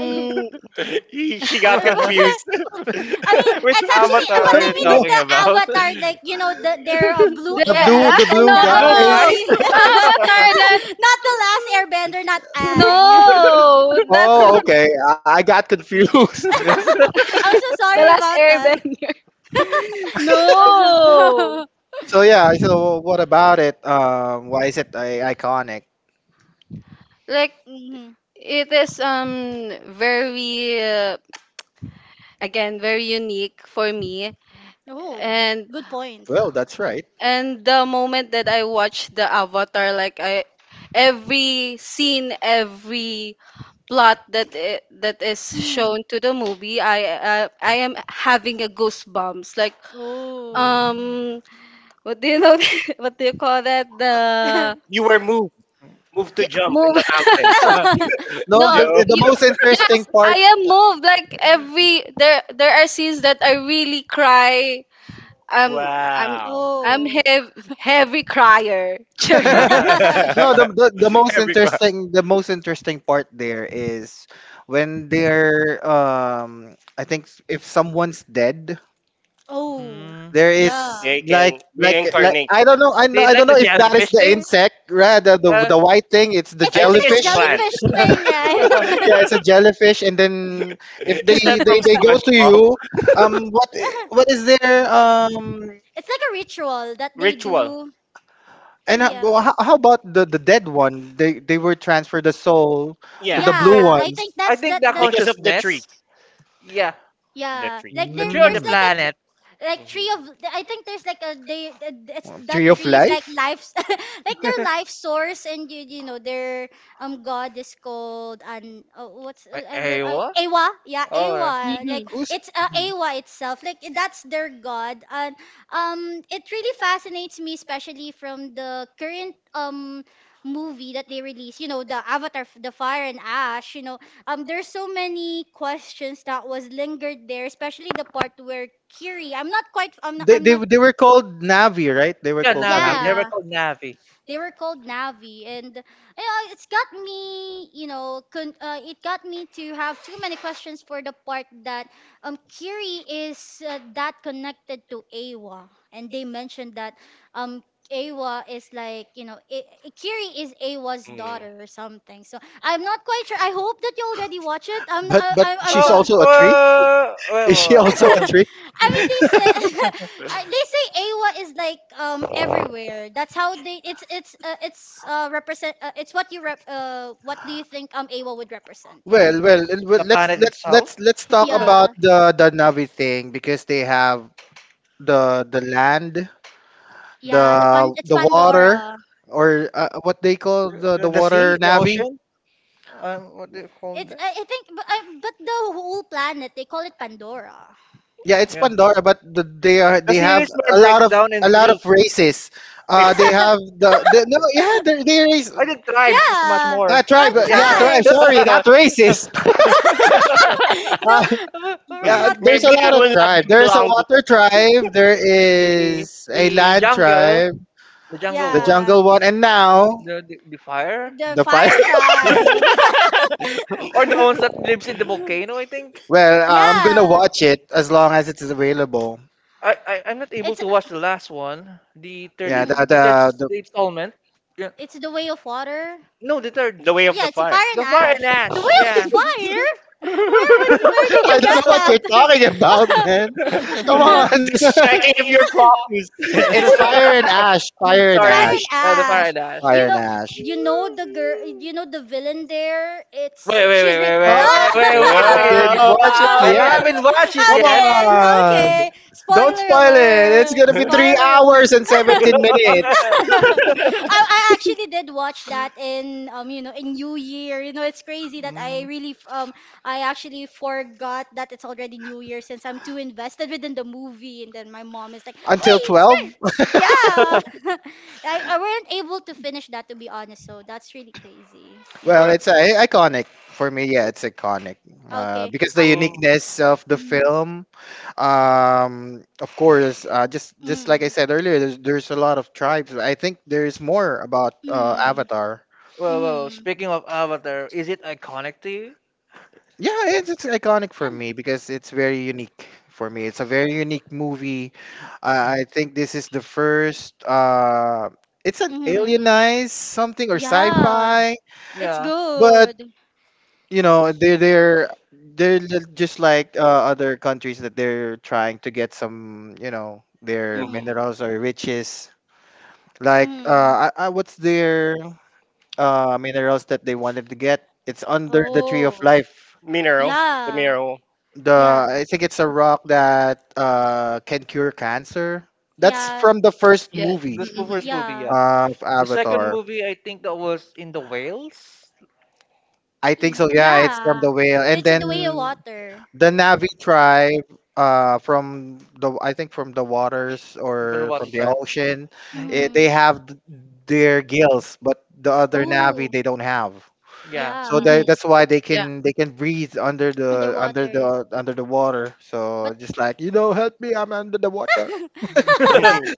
uh,
She got
I,
confused.
I mean,
Which
it's actually
avatar
uh, what
are
I
you
mean is
talking
the
about?
Avatar, like, you know, the, there are blue
the
the blue,
aliens
the
called
blue
No,
Blue
guys.
guys.
Navis,
the Avatar that.
not the last Airbender, not Ang.
No, that's
Oh, okay. I I got confused.
Mm.
I'm so
the
sorry
last
about that.
airbender. No.
So yeah. So what about it? Um, why is it uh, iconic?
Like
Hmm.
it is um very uh, again very unique for me
Oh,
and
good point.
Well, that's right.
and the moment that I watched the Avatar, like I, every scene, every plot that it, that is
Hmm.
shown to the movie, I, I I am having a goosebumps like.
Oh.
um What do you know? What do you call that? The
You were moved. Moved to
yeah,
jump in
move.
the mountain.
No,
No,
the
Joe.
the
you.
most interesting
Yes,
part.
I am moved. Like every there, there are scenes that I really cry. Um, I'm,
Wow.
I'm
Oh.
heavy, heavy crier. Sure.
no, the, the the most
Every?
interesting the most interesting part there is when they're um I think, s- if someone's dead,
Oh.
Mm.
there is
Yeah.
They
like
can
like like
reincarnate.
I don't know I know,
They
I don't
like the
know if that is
jellyfish
the
thing.
insect, right, the, the
Uh,
the white thing. It's the
It
I
looks
think
like
it's
a
a
jellyfish.
plant.
English.
jellyfish thing, right?
Yeah, it's a jellyfish, and then
Yes,
if they
Is that
they,
from
they go
Smash
to
Mom?
you, um what i- what is their um
It's like a ritual that they
Ritual.
do. Uh,
and how,
Yeah.
well, how, how about the the dead one, they they were transferred the soul to
Yeah,
the blue
Yeah, I
ones.
think
I
that's
think
that
the
that
because of the tree.
consciousness. Yeah,
The
Yeah,
tree.
like
the
there,
tree or the
there's like a
Mm.
tr
planet.
like
Mhm.
tree of. I think there's like a they. It's
Well, Tree
that
of
tree is like
Life?
life's like their life source, and you you know their um god is called and oh, what's uh, I re
A-
uh,
Awa.
Awa, yeah,
Or
Awa,
Mm-hmm.
like
Who's.
it's uh,
Mhm.
Awa itself, like that's their god, and um it really fascinates me, especially from the current um movie that they released, you know, the Avatar f- the Fire and Ash. You know um there's so many questions that was lingered there, especially the part where Kiri. I'm not quite, I'm not,
they,
I'm
they?
not
They were called Navi, right? They were
yeah,
called
Navi.
Navi.
They were
yeah.
called Navi.
They were called Navi, and yeah, it's got me, you know, con- uh, it got me to have too many questions for the part that um Kiri is uh, that connected to Awa, and they mentioned that um Awa is like, you know, I- I- Kiri is Awa's
Mm.
daughter or something. So I'm not quite sure. I hope that you already watch it. I'm
But
I-
but
I- I'm
she's
so
Oh,
also a tree.
well, well,
Is she
well,
also a
well.
tree?
I mean, they say I- they say AWA is like um everywhere. That's how they. It's it's uh, it's uh represent. Uh, it's what you rep. Uh, what do you think um AWA would represent? You know.
Well, well, l- well
The
let's
planet
let's let's
itself,
let's talk
the
about
Yeah.
the the Navi thing, because they have the the land, the
Yeah. The pan. It's
the water,
Pandora.
or uh, what they call the the
the sea,
water
the
Navi.
ocean. Um, what do you call
It's
that?
I, I, think, but, I, but the whole planet they call it Pandora.
Yeah, it's
Yeah.
Pandora, but the, they are
The
they have
series were
a
break
lot of
down in
a lot of
three.
races. Uh,
It's
they have the, the no, yeah, they they race.
I think tribes is much
Yeah.
more.
Ah,
Uh,
tribe. uh,
Yeah,
Yeah,
tribes.
tribe.
tribes.
Sorry, not racist.
No,
Uh,
we- we're
yeah,
not.
there's a
maybe I
lot of
will not
tribe.
be
There's a
belong.
water tribe. There
The
is a
the
land
jungle,
tribe.
the jungle
The
one,
Yeah,
jungle one, and now
the, the the fire,
the
the fire.
fire tribe.
or the ones that lives in the volcano. I think
well, uh, I'm gonna
Yeah,
watch it as long as it is available.
I, I I'm not able
it's
to watch the last one, the third
Yeah,
in-
the
mhm.
the third
the the,
installment. Yeah.
it's the way of water.
No, the third,
The way of
Yeah,
the
it's a
fire.
fire and
the fire
ash.
and
The
ash.
way of the
Yeah,
fire. Where would where did
I
you
don't
yeah,
know what you're
get
talking about, man.
Yeah.
Come on.
that?
Mhm.
Just checking if you're focused.
It's Fire and Ash. Fire and
It's Fire
Sorry.
and
Ash.
the fire
Ash.
and ash.
Fire
You
and
know,
Ash.
you know the girl, you know the villain there. It's
Wait, wait,
she's
wait,
re-
wait,
Oh,
wait, wait, wait,
I
ah!
wait, wait.
didn't
Wait.
watch it
I
yet.
haven't watched it
Come
yet.
Okay,
on.
okay.
Don't
Spoiler
spoil it. It's
alert!
going to be
Wow.
three
Spoiler. al-
hours and seventeen minutes
I I actually did watch that in um you know in New Year. You know it's crazy that I
Mm.
really f- um I actually forgot that it's already New Year since I'm too invested within the movie, and then my mom is like, "Hey,
until
it's
twelve.
yeah." I, I weren't able to finish that, to be honest, so that's really crazy. You know.
Well,
Alright.
it's uh, i- iconic for me. Yeah, it's iconic uh,
Okay.
because the
Uh,
uniqueness of the
mm-hmm.
film. Um, of course, uh, just just like I
Mm,
said earlier, there's, there's a lot of tribes. I think there's more about uh,
mm,
Avatar.
Well, well,
mm.
speaking of Avatar, is it iconic to you?
Yeah, it's, it's iconic for
Yeah.
me because it's very unique for me. It's a very unique movie.
Mm,
I
mhm.
I think this is the first. Uh, it's an
Mm.
alienized something or
Yeah.
sci-fi,
It's
Yeah,
but
good.
you know they're they're they're ju- just like uh, other countries that they're trying to get some, you know, their
Mm-hmm.
Mm.
minerals or riches, like
Mm.
uh I, I, what's their uh minerals that they wanted to get. It's under the tree of
Oh.
life.
Mineral, the
Yeah.
mineral.
The
Yeah.
I think it's a rock that uh can cure cancer. That's
Yeah.
from the first
Yes.
movie
the spoofer
Mm-hmm.
movie. Yeah,
Yeah.
of
the second
Avatar.
movie I think that was in the Wales,
I think
Y-
so. Yeah, it's from
yeah.
the whale, and
It's the way of
then
water.
the Navi tribe, uh, from the I think from the waters
the
or from
Potawatomi
the
tribe.
ocean.
Hmm.
eh,
Mm-hmm.
they have th- their gills, but the other Navi
Oh.
they don't have.
Yeah,
So
Yeah.
they,
Mm-hmm.
that's why they
Yeah.
can they can breathe under the under
Underwater.
the under the water. So
But
just like, you know, help me, I'm under the water.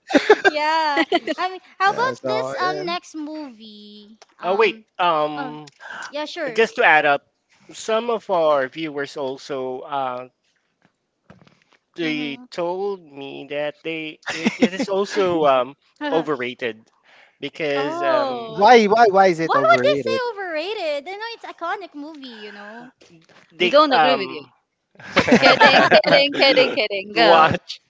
Yeah. I mean, how
Yeah.
about this
So yeah.
um next movie?
Oh wait,
Um. Oh,
um,
yeah, sure.
just to add up, some of our viewers also uh they
Mhm.
told me that they it, it is also um overrated because um
why
Oh.
why why is it
Why would they say
overrated?
overrated? I know it's iconic movie, you know.
We
they
don't agree with
um
you. Kidding, kidding, kidding, kidding. Go.
watch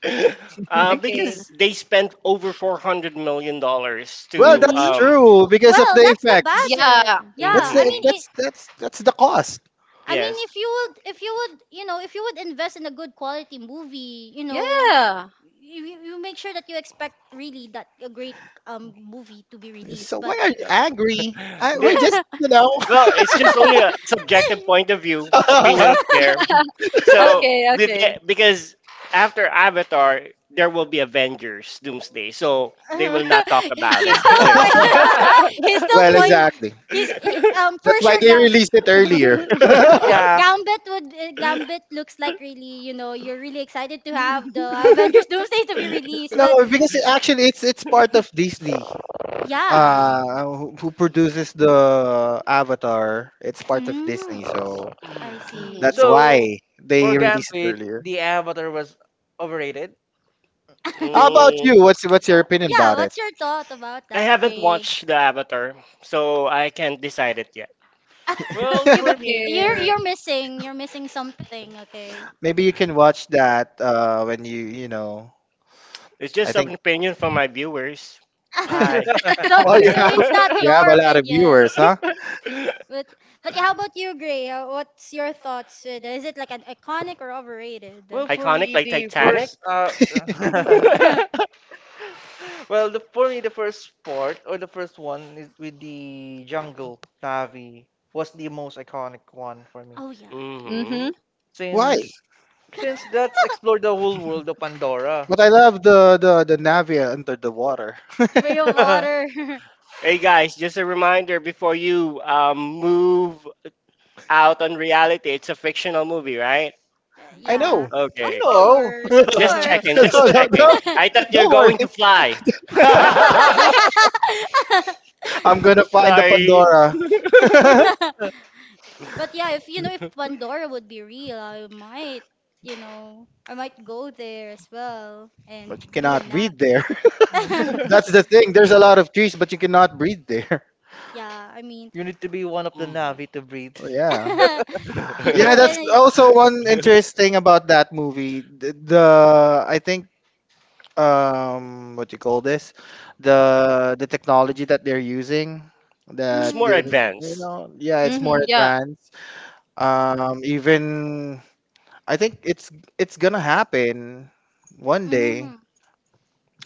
uh
Okay.
because they spent over 400 million dollars
Well,
to
that's
Mm-hmm.
um
true because of the
Well, that's the
effects.
budget.
Yeah.
That's
Yeah. I
the
mhm,
mean it.
that's that's that's the cost.
I mean,
yes.
if you would, if you would, you know, if you would invest in a good quality movie, you know,
Yeah.
you, you you make sure that you expect really that a great um movie to be released.
So
But
why are you angry? I, we're
They,
just, you know.
well, it's just only a subjective point of view, opinion of there. So
Okay.
with the-
Okay.
because after Avatar, there will be Avengers Doomsday, so they will not talk about
he's
it
still
anymore.
point he's still
well,
point
exactly.
he's he, um
That's
for
why
sure
they
Gam-
released it earlier.
yeah.
Gambit would uh, Gambit looks like really, you know, you're really excited to have the Avengers Doomsday to be released,
No,
but
because it, actually it's it's part of Disney.
yeah.
Mm.
Uh, who, who produces the Avatar? It's part of Disney,
mm,
so
I
Mm.
see.
that's
Mhm.
So
why
for
they released it
Gambit,
earlier.
the Avatar was overrated.
How about
Mm,
you? What's what's your opinion
Yeah,
about it?
what's your thought about
I
that,
haven't
Gray?
watched the Avatar, so I can't decide it yet.
Well,
you b-
for me,
you're
Okay.
you're missing you're missing something, okay.
Maybe you can watch that uh, when you you know.
It's
I
just
think.
an opinion from my viewers. Hi.
So,
Oh, you
so
have
it's not
you have
your
a lot of
opinion?
viewers, huh?
But but how about you, Gray? Uh, What's your thoughts? With- it? Is it like an iconic or overrated?
well for
Iconic
me,
like
the
Titanic.
first uh, Well, the, for me, the first part or the first one is with the jungle Navi was the most iconic one for me,
Oh yeah,
Mm-hmm.
Hmm.
Why?
since since that's explored the whole world of Pandora.
But I love the the the Navia under the water.
way of water.
Hey guys, just a reminder before you um, move out on reality, it's a fictional movie, right?
Uh,
I
yeah,
know.
of
We
Okay, okay.
know.
course, of
Just
course.
checking,
No,
just
no,
checking.
no.
I thought you're
Don't worry.
going to fly.
No.
I'm gonna find the
Sorry.
Pandora.
But yeah, if you know, if Pandora would be real, I might, you know, I might go there as well and
But you
be a
cannot
nag.
breathe there. That's the thing. There's a lot of trees, but you cannot breathe there.
Yeah, I mean.
You need to be one of the
Mhm.
Navi to breathe.
Oh, yeah. Yeah,
You're
that's
gonna.
also one interesting about that movie. The, the I think, um what you call this? The the technology that they're using
It's
that
more
they're,
Mm,
you
advanced.
know, yeah, it's more
Mm-hmm. Yeah.
advanced. Um even I think it's it's gonna happen one day.
mm,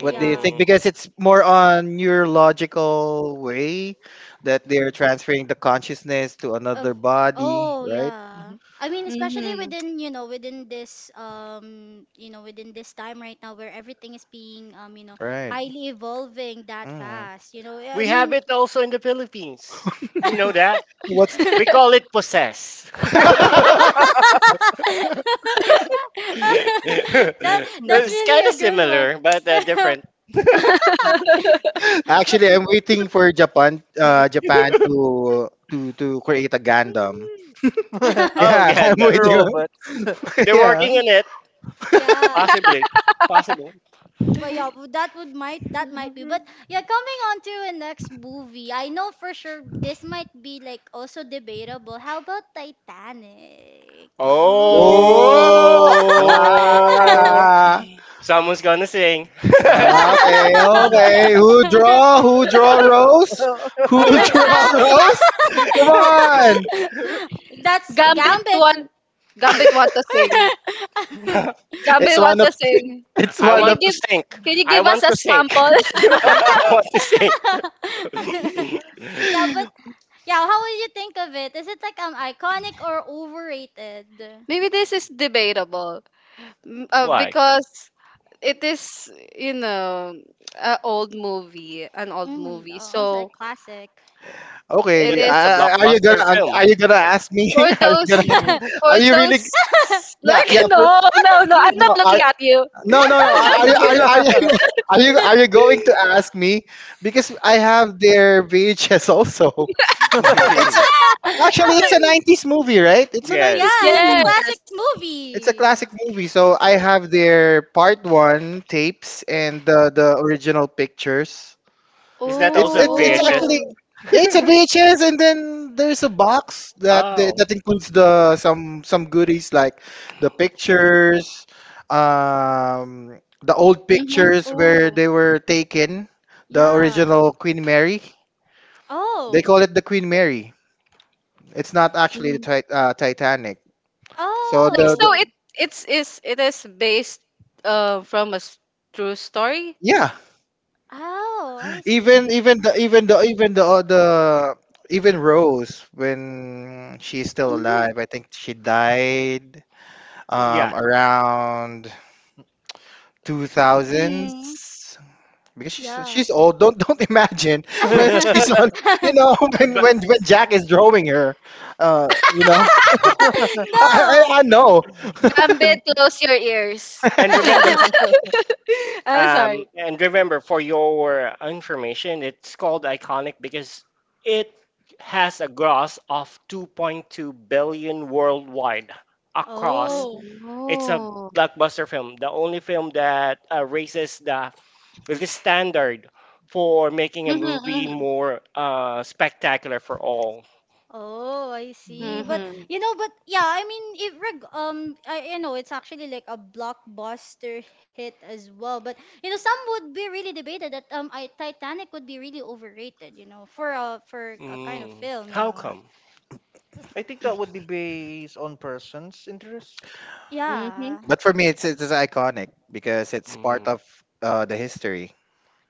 What do you think? Because it's more on neurological way that they're transferring the consciousness to
Of
another body,
oh
right?
yeah. I mean, especially
Mm-hmm.
within, you know, within this um, you know, within this time right now where everything is being um, you know,
Right.
highly evolving that
Mm.
fast. You know, I
We have
mean,
it also in the Philippines. You know that?
What's
We
the-
call it possess.
that that's
It's kind
really a
of
good
similar, but uh,
one.
different.
But
actually? I'm waiting for Japan, uh, Japan to to to create a Gundam.
The
Oh,
Yeah, I'm
Gandalf.
waiting.
robot.
They're
yeah.
working on it.
yeah.
Possibly. Possible.
Well, yeah, but that would might that might be, but yeah, coming on to the next movie, I know for sure this might be like also debatable. How about Titanic? Ooh.
Oh,
Oh.
ah.
Someone's gonna sing.
Ah, okay, okay. Who draw? Who draw Rose? Who
Like
draw
Gam-
Rose? Come on.
That's
Gambit
Gambit.
want
for-
Gambit want to sing.
It's
Gambit want
one of
to sing.
it's
I
Can
one
want
you
of.
to
give,
sink.
can you
I
give us
want
a
to sink.
sample?
I want to sink.
yeah, but yeah, how would you think of it? Is it like um iconic or overrated?
Maybe this is debatable m- uh,
Why?
because it is, you know, an old movie, an old
Mm,
movie.
also a
So
classic.
Okay,
But
it
you-
it's
is
a
I- I- are you
blockbuster
gonna
film.
are you gonna ask me?
for
Are you gonna
those. For
are you really
those
Yeah,
like.
yeah. For,
No, no, no, I'm not
no,
looking
are,
at you.
no, no, no. Are, are you are, you- are you are you are you going to ask me? Because I have their V H S also. It's a Actually, it's a nineties movie, right? It's a
Yes.
nineties
Yeah, it's a
movie.
Yes.
classic
It's a
movie.
classic movie, so I have their part one tapes and the the original pictures.
Is that
It's
also a
it's
V
it's
H S?
Oh,
actually,
Oh.
yeah, it's a V H S, and then there's a box that the,
Oh,
that includes the some some goodies, like the pictures, um, the old
Mm-hmm.
pictures where
oh,
they were taken, the
yeah.
original Queen Mary. They
Oh,
call it the Queen Mary. It's not actually the
Hmm.
tit- uh, Titanic. So
Like
the, the
so
oh,
it it's is it is based uh from a s- true story.
yeah.
oh, I see.
Even even the even the even the uh, the even Rose, when she's still
Mm-hmm.
alive, I think she died
yeah.
um around
Mm-hmm.
two thousands because she's
Yeah.
she's old. Don't don't imagine when she's on, you know, when
But
when when Jack is drawing her, uh, you know. I
No.
I, I know,
Gambit, close your ears.
and remember,
I'm sorry.
um, and remember, for your information, it's called iconic because it has a gross of two point two billion worldwide across.
Oh.
It's a
Oh.
blockbuster film, the only film that uh, raises the release standard for making a movie
Mm-hmm.
more uh, spectacular for all.
Oh, I see. But
Mm-hmm.
you know, but yeah, I mean, if reg- um, I you know, it's actually like a blockbuster hit as well. But you know, some would be really debated that um, I Titanic would be really overrated. You know, for a for a kind of
Mm.
film. You
How
know.
come?
I think that would be based on person's interest.
Mm-hmm.
Yeah,
but for me, it's it's just iconic because it's part
Mm.
of uh the history,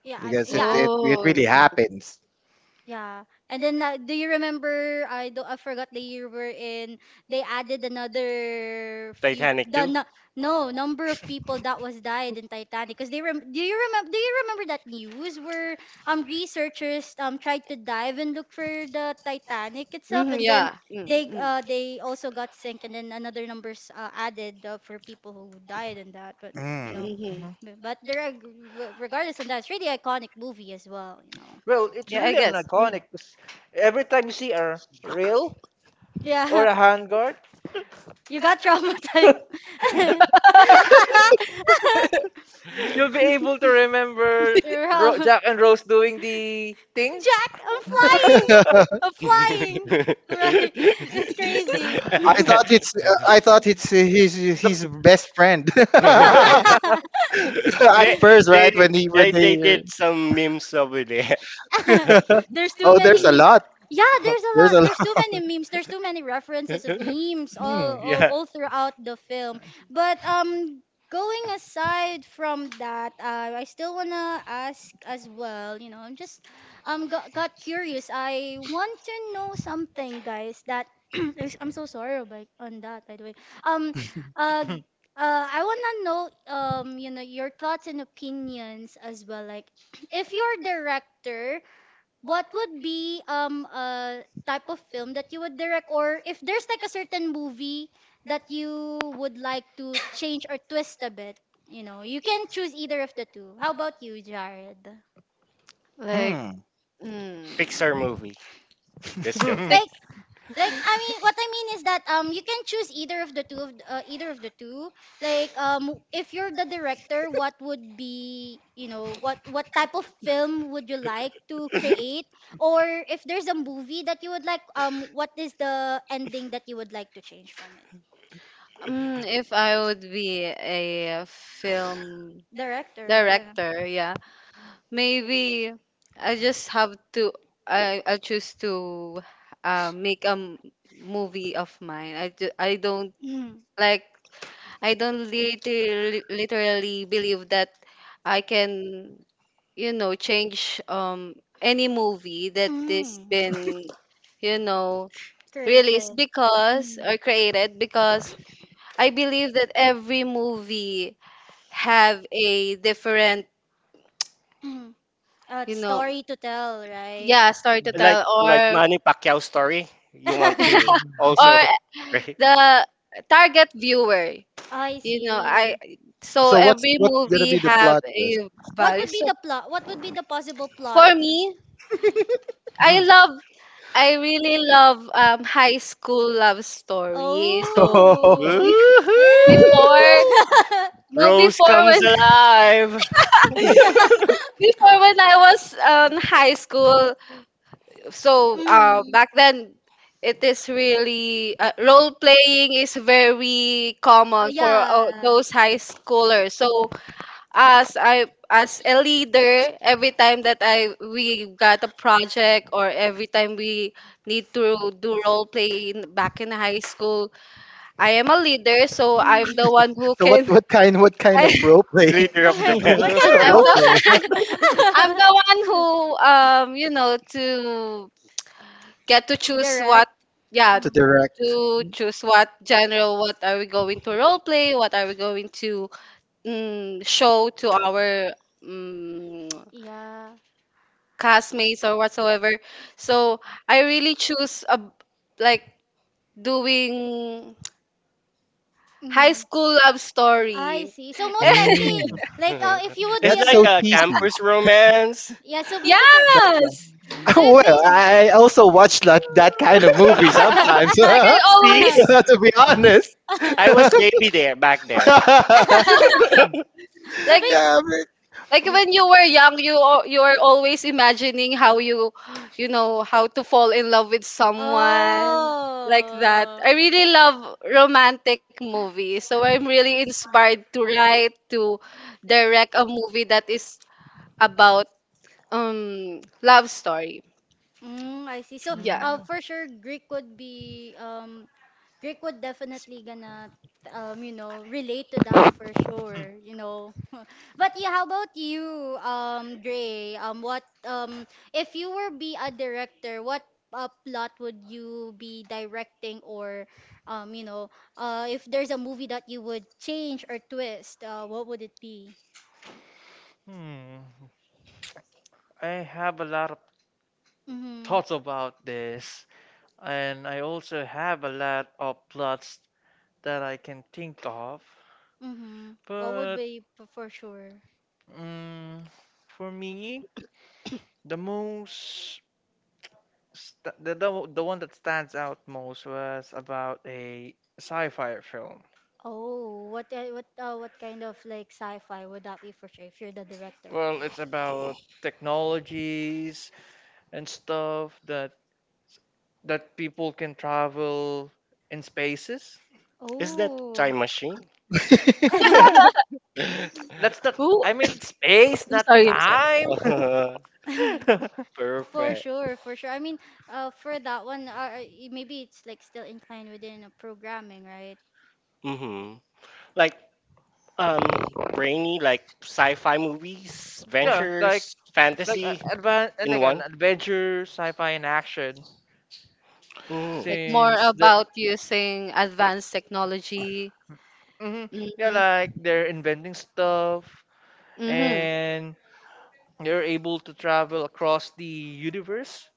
yeah, I'm,
because it
yeah. I,
it, it
Oh.
really happens.
Yeah. And then uh, do you remember, I do I forgot the year we're in, they added another few
Titanic
the
too.
no, no number of people that was died in Titanic because they rem do you remember, do you remember that news where um researchers um tried to dive and look for the Titanic itself,
Mhm.
and then
Yeah. Mm,
they
mm,
uh they also got sink, and then another numbers uh, added uh, for people who died in that, but you
Mm.
know,
mhm.
b- but there are, regardless of that, it's really iconic movie as well, you know.
Well, it's
Yeah, I
really an
guess. Mm.
iconic 'cause every time you see a rail
Yeah.
or a handguard,
You got traumatized.
you'll be able to remember Ro-
Bro.
Jack and Rose doing the thing.
Jack, I'm flying. I'm flying.
Yeah.
Right. It's crazy.
I thought it's uh, I thought it's his
The
his best friend at
they
first,
they
right? When he when
eh, they did
they
some memes over there.
there's too
oh,
many
there's a
me-
lot.
yeah, there's a
There's
lot,
a
there's too
lot.
many memes, there's too many references of memes
Hmm.
all all,
Yeah,
all throughout the film, but um going aside from that, uh, I still wanna ask as well, you know, i'm just um got, got curious, I want to know something, guys, that I'm so sorry about on that, by the way. um uh uh, I wanna know, um, you know, your thoughts and opinions as well. Like, if you're a director, what would be um a type of film that you would direct, or if there's like a certain movie that you would like to change or twist a bit. You know, you can choose either of the two. How about you, Jared?
Like,
Hmm.
mm,
Pixar movie. Just joking.
Like. Like, I mean, what I mean is that um you can choose either of the two of th- uh, either of the two. Like, um if you're the director, what would be, you know, what what type of film would you like to create, or if there's a movie that you would like, um what is the ending that you would like to change from it?
mm, if I would be a film
Director, yeah.
director, yeah, maybe I just have to. I I choose to uh, make a m- movie of mine. I do, I don't
Mm.
like. I don't literally literally believe that I can. You know, change um any movie that is
Mm.
been, you know, released
Created.
because
Mm.
or created because I believe that every movie have a different,
Mm. Uh,
you know,
story to tell, right?
yeah, story to
like
tell.
like
or
Manny Pacquiao story. You want to
or
also, right?
the target viewer,
I
you know, I,
see.
so
So what's
every
what's gonna
movie
be the
have
plot twist?
a
What
value.
would be
So
the plot? What would be the possible plot?
for me, I love, I really love um high school love story. So
so
Oh.
Be-
Ew.
Woohoo!
before, no,
Rose
before
comes
when,
alive.
before when I was um high school. So um
Mhm.
back then it is really uh, role playing is very
Oh
common for uh,
yeah.
those high schoolers. So as I as a leader, every time that I we got a project or every time we need to do role playing back in high school, I am a leader, so I'm the one
Mhm.
who
what
can.
what kind what kind
I
of role play?
Leader of the band,
what
What kind
kind of
of
I'm
joke.
role
the
play
role?
I'm the one who um you know, to get to choose what.
Direct.
Yeah,
to
Mm.
direct?
to choose what genre, what are we going to role play, what are we going to, mm, show to our mm
Yeah.
castmates or whatsoever. So I really choose a, like doing high
Mhm.
school love
I
story.
see. So most likely,
Mm,
like, uh, if you would
It's
be
that's
at
like
so
the
a
cheesy.
campus romance.
yeah. So basically,
That's
Yes,
so
uh,
if
well,
ba-
I also watch that that kind of movie sometimes.
like I
to
See.
always
be honest.
I was baby there back there.
so
like.
ba-
yeah, but-
Like when you were young, you al- you are always imagining how you, you know, how to fall in love with someone like that.
oh.
I really love romantic movies, so I'm really inspired to write to direct a movie that is about um love story.
Mm, I see. So,
Yeah.
uh, for sure, Greek would be um Rick would definitely gonna um you know, relate to that for sure, you know. But yeah, how about you, um Dre, um what um if you were be a director, what uh, plot would you be directing, or um you know, uh if there's a movie that you would change or twist, uh what would it be?
Hmm. I have a lot of
Mm-hmm.
thoughts about this. And I also have a lot of plots that I can think of,
Mm-hmm. what would
but
be p- For sure.
mm for me, the most st- the, the the one that stands out most was about a sci-fi film.
Oh, what uh, what uh, what kind of like sci-fi would that be for sure if you're the director?
Well, it's about technologies and stuff that that people can travel in spaces.
Is that
Oh.
time machine?
Let's not.
Who?
I mean, space,
I'm
not
sorry. I'm sorry.
time.
For
Perfect.
sure, for sure. I mean, uh, for that one, uh, uh, y- maybe it's like still inclined within a programming, right?
Mm-hmm. Like um brainy, like sci-fi movies,
Yeah, like
ventures,
like uh,
fantasy
advan and
in
like an
one.
adventure, sci-fi, and action.
Mm.
Like more
Since the
about using advanced technology.
hmm yeah,
Mm-hmm.
like they're inventing stuff
Mm-hmm.
and they're able to travel across the universe,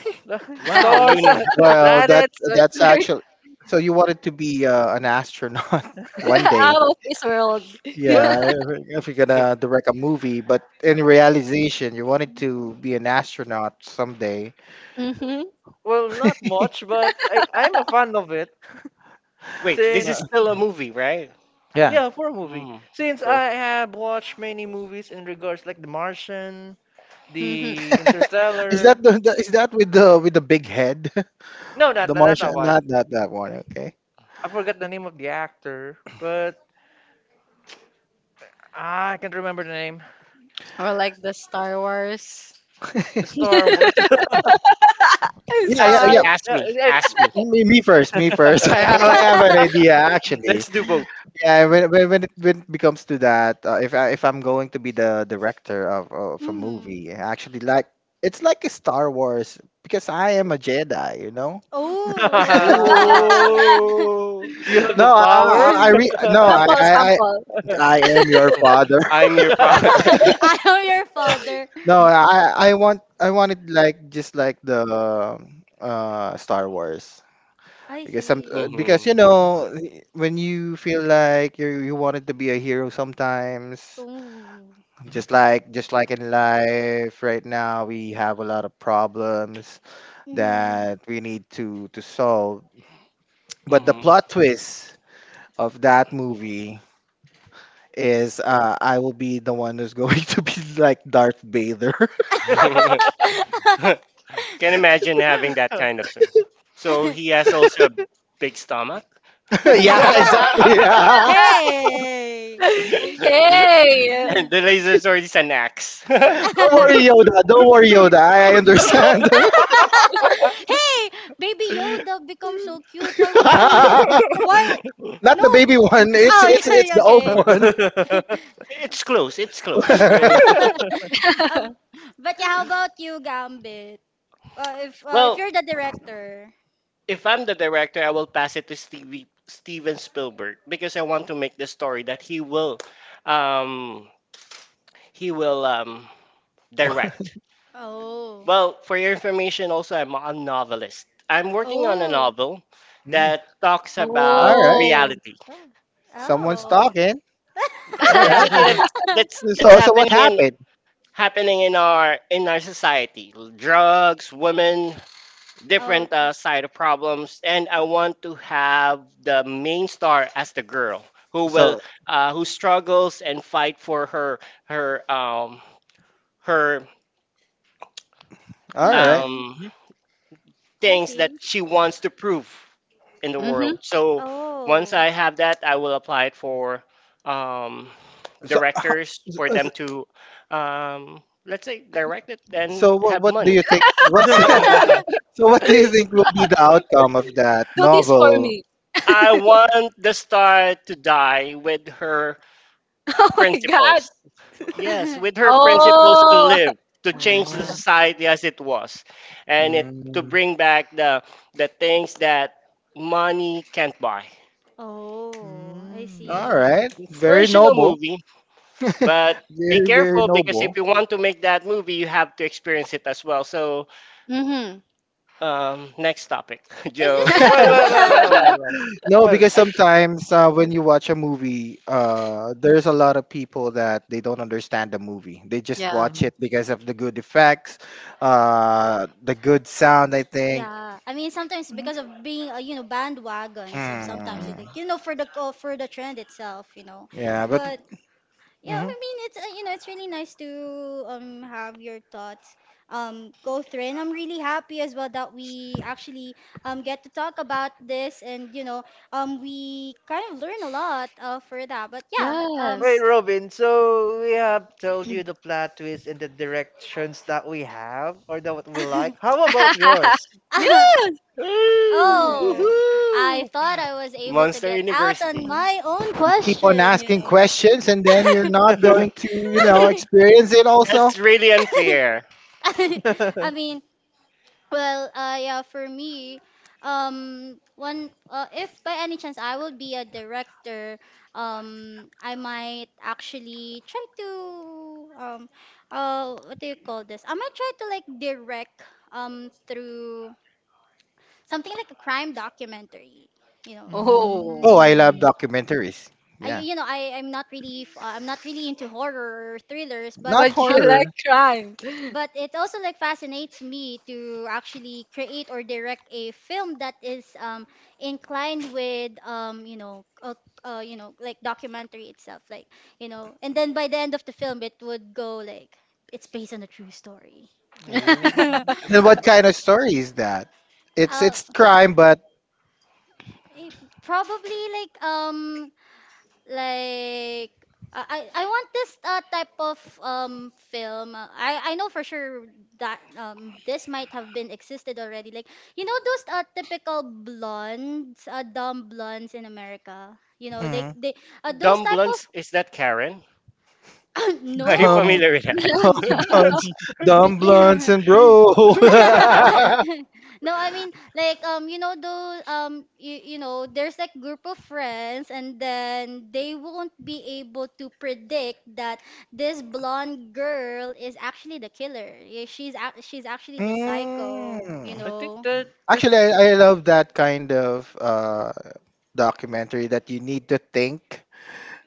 like
Wow, you
stars,
knew.
the
well, that's
planets. Like,
That's
that's
very,
actually. So you wanted to be uh, an astronaut one day.
out of this world.
Yeah,
well,
if if you're gonna direct a movie, but in realization, you wanted to be an astronaut someday.
Mm-hmm.
well, not much, but I I'm a fan of it
Wait, this
Uh,
is
since
still a movie, right?
Yeah.
yeah, for a movie.
Mm.
Since I
Perfect.
have watched many movies in regards like The Martian,
Mm-hmm.
The
Is
Interstellar.
that the, the is that with the with the big head?
No, not
The
not that
Martian?
one.
Not not that one. Okay.
I forgot the name of the actor, but I can't remember the name.
Or like the Star Wars.
The Star Wars.
I'm
Yeah,
Ask
yeah,
me,
yeah.
sorry.
ask
Yeah,
me,
it's
ask me.
Me, me first. Me first. I have I have an idea, actually.
Let's do both.
Yeah, when when when it, when it becomes to that, uh, if I if I'm going to be the director of of a
Mm.
movie, actually, like it's like a Star Wars because I am a Jedi, you know.
Oh.
Ooh,
you have the
No, I
power.
I, I re no, I, I I I am your father.
I'm your father.
I am your father.
No, I I want I want it like just like the uh Star Wars
I
because some uh,
see.
because
Hmm,
you know when you feel like you you wanted to be a hero sometimes.
Ooh.
Just like just like in life right now, we have a lot of problems
Hmm.
that we need to to solve. But the plot twist of that movie is uh, I will be the one who's going to be like Darth Vader.
hmm. Can imagine having that kind of thing. So he has also a big stomach.
yeah,
And
exactly. Yeah.
Hey! Uy.
Hey.
the laser sword is an axe.
Don't worry, Yoda. Don't worry, Yoda. I, I
Yo.
understand.
Hey! Baby Yoda becomes so cute. Why would you? Why?
Not
No.
the baby one. It's
Oh,
it's it's
yeah,
the old
okay.
one.
It's close. It's close.
Uh, but yeah, how about you, Gambit? Uh, if uh, if
Well,
you're the director.
if I'm the director, I will pass it to Stevie Steven Spielberg because I want to make the story that he will, um, he will um, direct.
Oh.
Well, for your information, also, I'm a novelist. I'm working on a
Oh.
novel
Mm.
that talks
All
about
right.
Oh.
reality.
Yeah.
Someone's
Oh.
talking.
The
All right.
reality that's that's that's
So so what
happening in
happened?
happening in our in our society. Drugs, women,
Oh.
different
Okay.
uh, side of problems, and I want to have the main star as the girl who will
So,
uh, who struggles and fight for her her um her
all right.
Mm-hmm.
um
I
things that
see.
she wants to prove in the
Mm-hmm.
world. So once
Oh.
I have that, I will apply it for um,
So,
directors for
uh,
them
so
to, um, let's say, direct it
so
and
what
have
what do
money.
you think? What's
No.
so what do you think will be the outcome of that
Do this for
novel?
me.
I want the star to die with her
Oh my god.
principles. Yes, with her principles to
Oh.
live, to change the society as it was, and it to
Mm,
bring back the the things that money can't buy.
Oh, I
all
see.
right, very
Inspirational
noble.
movie. But be
very very
careful because if
noble.
you want to make that movie, you have to experience it as well. So,
Mm-hmm.
um, next topic.
Mm.
Is this
Joke.
Mm. Well, well, well, well,
like
well, well.
no,
Well,
because
I d-
sometimes uh, when you watch a movie, uh, there's a lot of people that they don't understand the movie. They just
Yeah.
watch
mhm.
it because of the good effects, uh, the good sound. I think.
Yeah, I mean sometimes
Mhm.
because of being uh, you know, bandwagons, and sometimes
Mhm.
you
Mm,
think, you know, for the co- for the trend itself, you know.
yeah, but
But yeah,
hmm.
I mean, it's uh, you know, it's really nice to um have your thoughts um go through, and I'm really happy as well that we actually um get to talk about this, and you know, um we kind of learn a lot uh for that. But yeah, um.
Yes.
Wait, Robin, so we have told you the plot twist and the directions that we have or that what we like. How about yours?
Yes.
Ooh,
Oh, I
woohoo.
thought I was able to
Monster
get out on
University.
my own
You keep on
question, you
asking
know.
questions and then you're not going to, you know, experience it also.
That's really unfair.
I mean, well, uh, yeah, for me, um, one, uh, if by any chance I will be a director, um, I might actually try to, um, uh, what do you call this? I might try to like direct, um, through something like a crime documentary, you know.
Mm.
Oh,
Oh.
I love documentaries.
I,
Yeah.
you know, I, I'm not really, f- uh, I'm not really into horror or thrillers, but
Not
But you
um,
like
horror.
crime.
but it also like fascinates me to actually create or direct a film that is um inclined with um you know, uh, uh you know, like documentary itself, like, you know, and then by the end of the film, it would go like, it's based on a true story.
Oh.
uh,
Then what kind of story is that? It's it's crime but
it- probably like um like I I I want this uh, type of um film. Uh, I I know for sure that um this might have been existed already. Like, you know, those uh, typical blondes, uh, dumb blondes in America. You know,
hmm
like they, uh, those
Dumb
type of
Blunts, is that Karen? Are you
dumb
no.
familiar with that?
dumb blunts dumb blunts
Yeah.
and bro.
No, I mean, like, um you know, though um you, you know, there's like group of friends, and then they won't be able to predict that this blonde girl is actually the killer. Yeah, She's ac- she's actually the psycho, you
Mm.
know.
Actually, I, I love that kind of uh, documentary that you need to think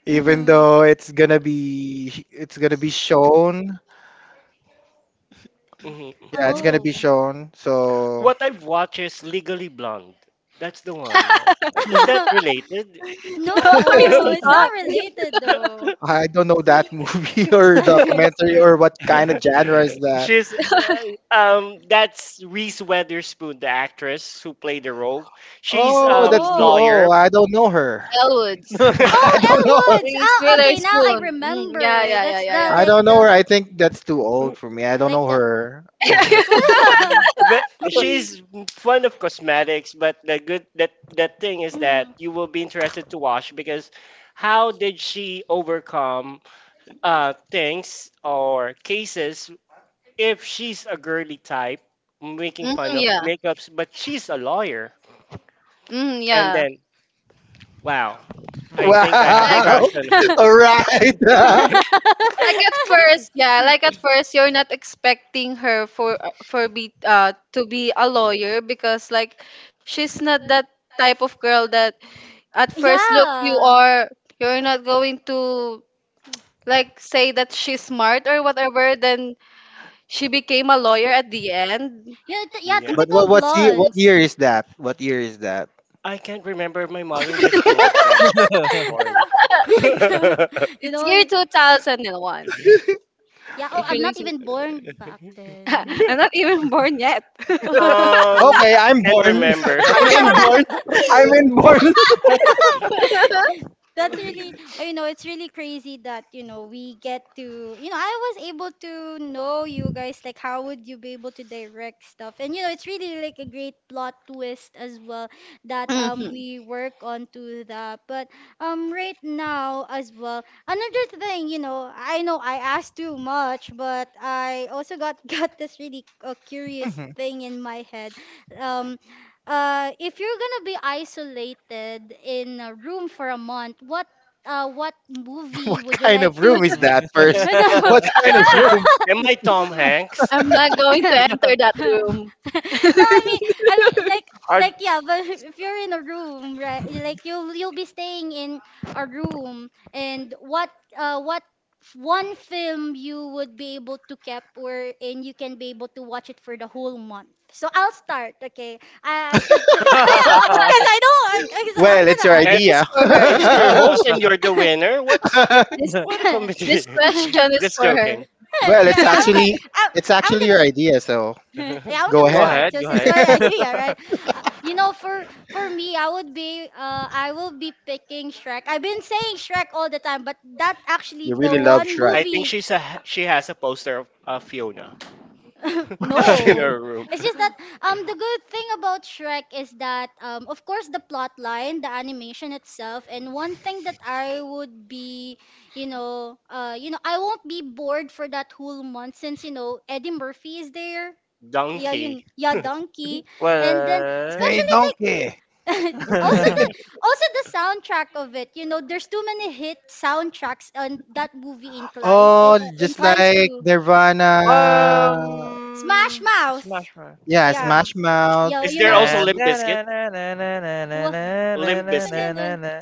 even
Mhm.
though it's gonna be it's gonna be shown.
Mhm.
Yeah, it's gonna be
Oh.
shown. So
What I've watched is Legally Blonde. That's the one. Is that related?
No,
No,
it's
it's
not.
not related though.
I don't know that movie or documentary or what kind of genre is that.
She's uh, um That's Reese Witherspoon, the actress who played the role. She's
Oh,
um
that's too
Oh.
lawyer,
old. I don't know her.
Elwoods,
I
Oh,
don't know her.
Elwoods.
Reese
Oh, okay. Now I
Witherspoon. Mm, yeah,
remember.
yeah, yeah,
That's
yeah,
the
I
yeah.
like
don't know her.
the
I think that's too old for me. I don't
like
know
the.
her.
but
Well,
she's fond of cosmetics. But the good that the thing is that
mhm.
you will be interested to watch because how did she overcome uh things or cases if she's a girly type, making
Mm,
fun of
yeah.
makeups, but she's a lawyer,
Mm,
and
yeah.
then wow,
Mhm.
I think I have
Like
Mhm.
crush
Wow.
on
All
her.
right.
like at first, yeah, like at first you're not expecting her for for be uh to be a lawyer because like she's not that type of girl that at first look you
yeah.
are, you're not going to like say that she's smart or whatever, then she became a lawyer at the end.
Yeah, t- yeah,
Yeah.
But
typical
what what's ye- what
blondes.
year is that? What year is that?
I can't remember. My mother just told me that story.
you
It's
know,
year
y-
two thousand one.
yeah, oh,
It
I'm
really,
not even born back then.
I'm not even born yet.
um,
Okay, I'm
can't
born.
Okay.
remember.
I'm inborn. I'm inborn.
That's really, uh, you know, it's really crazy that, you know, we get to, you know, I was able to know you guys, like, how would you be able to direct stuff? And, you know, it's really like a great plot twist as well that um
Mhm.
we work on to that. But um right now as well, another thing, you know, I know I asked too much, but I also got got this really uh, curious thing in my head. Um, uh, if you're gonna be isolated in a room for a month, what uh, what movie
What
would you
kind
like
of
to?
room is that first?
No.
What kind of
am,
room?
am I Tom Hanks?
I'm not going to
no,
enter that room.
I mean, I mean, like,
Are
like, yeah, but if you're in a room, right? Like, you'll you'll be staying in a room, and what, uh, what f- one film you would be able to keep, where and you can be able to watch it for the whole month. So I'll start, okay? Uh, cause, the, oh yeah, uh, cause I don't, uh, cause I'm
Well, it's your
gonna
Eh,
This is
idea.
for her.
It's your host and you're the winner. What's
This
what a
this
comedy?
yeah,
question is
Just
for her.
joking.
Well,
yeah,
it's
I'm gonna,
actually
I,
it's
I'm
actually
gonna
your idea, so
Yeah, I'm
go
gonna
go
ahead.
start
ahead,
because
go
it's
ahead.
my idea, right? Uh, you know, for for me, I would be uh I will be picking Shrek. I've been saying Shrek all the time, but that actually
You
the
really love
one
Shrek.
I think
movie.
she's a she has a poster of uh, Fiona in
No,
her room.
it's just that um the good thing about Shrek is that um of course the plot line, the animation itself, and one thing that I would be, you know, uh you know I won't be bored for that whole month since you know Eddie Murphy is there. Yeah,
Donkey.
yun, yeah, donkey. And then
Hey,
Well,
especially like
donkey.
also the also the soundtrack of it. You know, there's too many hit soundtracks on that movie. Incline uh,
Oh,
uh,
just
inclines
like
to
Nirvana.
Smash
Um, Smash
Mouth.
Bros.
Yeah,
Yeah,
Smash Mouth.
yeah,
Is
you
there
know
also
Yeah.
it's
Limp
Na,
Biscuit?
na, na, na, na, na, na,
wha-
na, na,
Limp
na,
Biscuit.
na, na, na.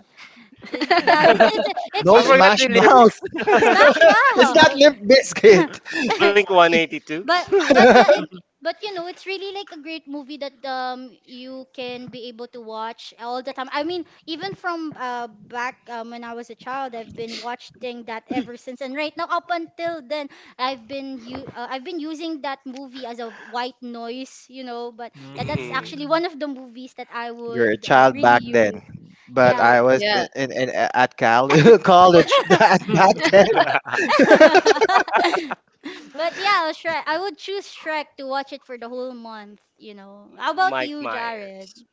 yeah it's it's, it's
I
No
really,
forgot
yeah,
the
Smash Mouth.
lyrics.
Smash
It's not
Mouth.
Limp Biscuit.
Blink one eighty-two.
But but yeah, it, but you know, it's really like a great movie that um you can be able to watch all the time. I mean, even from uh back um, when I was a child, I've been watching that ever since. And right now, up until then, I've been you uh, I've been using that movie as a white noise, you know. But yeah, that's
Mhm.
actually one of the movies that I
You're a
would uh,
child
really
back then,
use.
but
Yeah.
I was
Yeah.
in, in at Cal college that back then.
But yeah, Shrek. I would choose Shrek to watch it for the whole month, you know. How about
Mike
you, Jared?
Myers.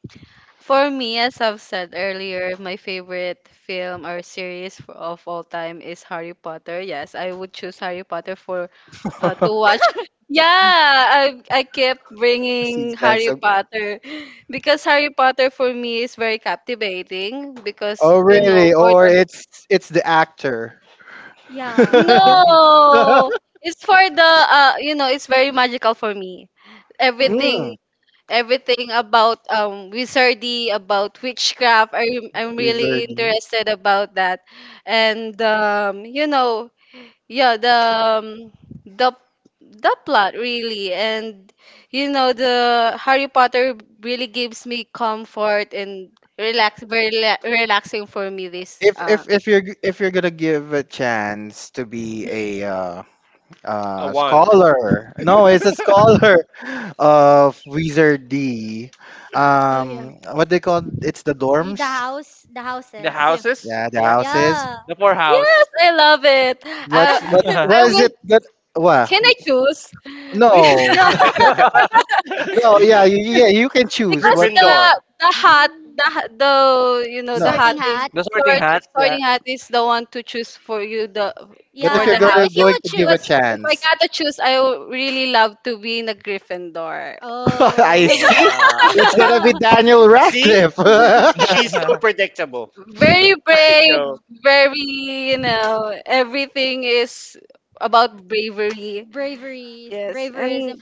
For me, as I've said earlier, my favorite film or series for, of all time is Harry Potter. Yes, I would choose Harry Potter for uh, to watch. Yeah, I I kept
Since
bringing
then,
Harry
so
Potter, because Harry Potter for me is very captivating because
oh
you know
really?
for
Or
the.
it's it's the actor.
Yeah.
No, it's for the uh you know, it's very magical for me.
Oh.
Everything,
Mm,
everything about um wizardy, about witchcraft, I am, I'm really
wizard.
interested about that, and um you know, yeah, the um, the the plot really and you know the Harry Potter really gives me comfort and relax, very rela- relaxing for me, this
If
uh
if if you're g- if you're gonna give a chance to be
Mm,
a uh,
A
uh,
wand.
scholar, no, it's a scholar of Wizard D.
Oh yeah.
Um, what they call it's the
Y- The
dorms.
house, the
The
yeah.
houses.
houses,
Yeah, the
yeah.
houses.
Yeah.
The four house.
Yes, I love it, i
What's what's
i
what is
would,
it that what?
can I choose?
No.
No.
No, yeah, you, yeah, you can choose
Because
what, what
Gryffindor.
the the hat, the ha- the, you know, the
no.
Sorting
hat is
hat.
The sorting
sort,
hat, yeah.
sorting hat is the one to choose for you the,
But
for
if you're
Yeah,
the
but
gonna
if you
houses.
going
would
to give
But
a
choose.
if I
chance.
gotta choose, I would really love to be in a Gryffindor.
I
Oh.
see.
Wow.
It's gonna be Daniel
See?
Radcliffe. Mhm.
She's so predictable.
Very brave,
So,
very, you know everything is about bravery.
Bravery.
Yes,
Bravery is.
and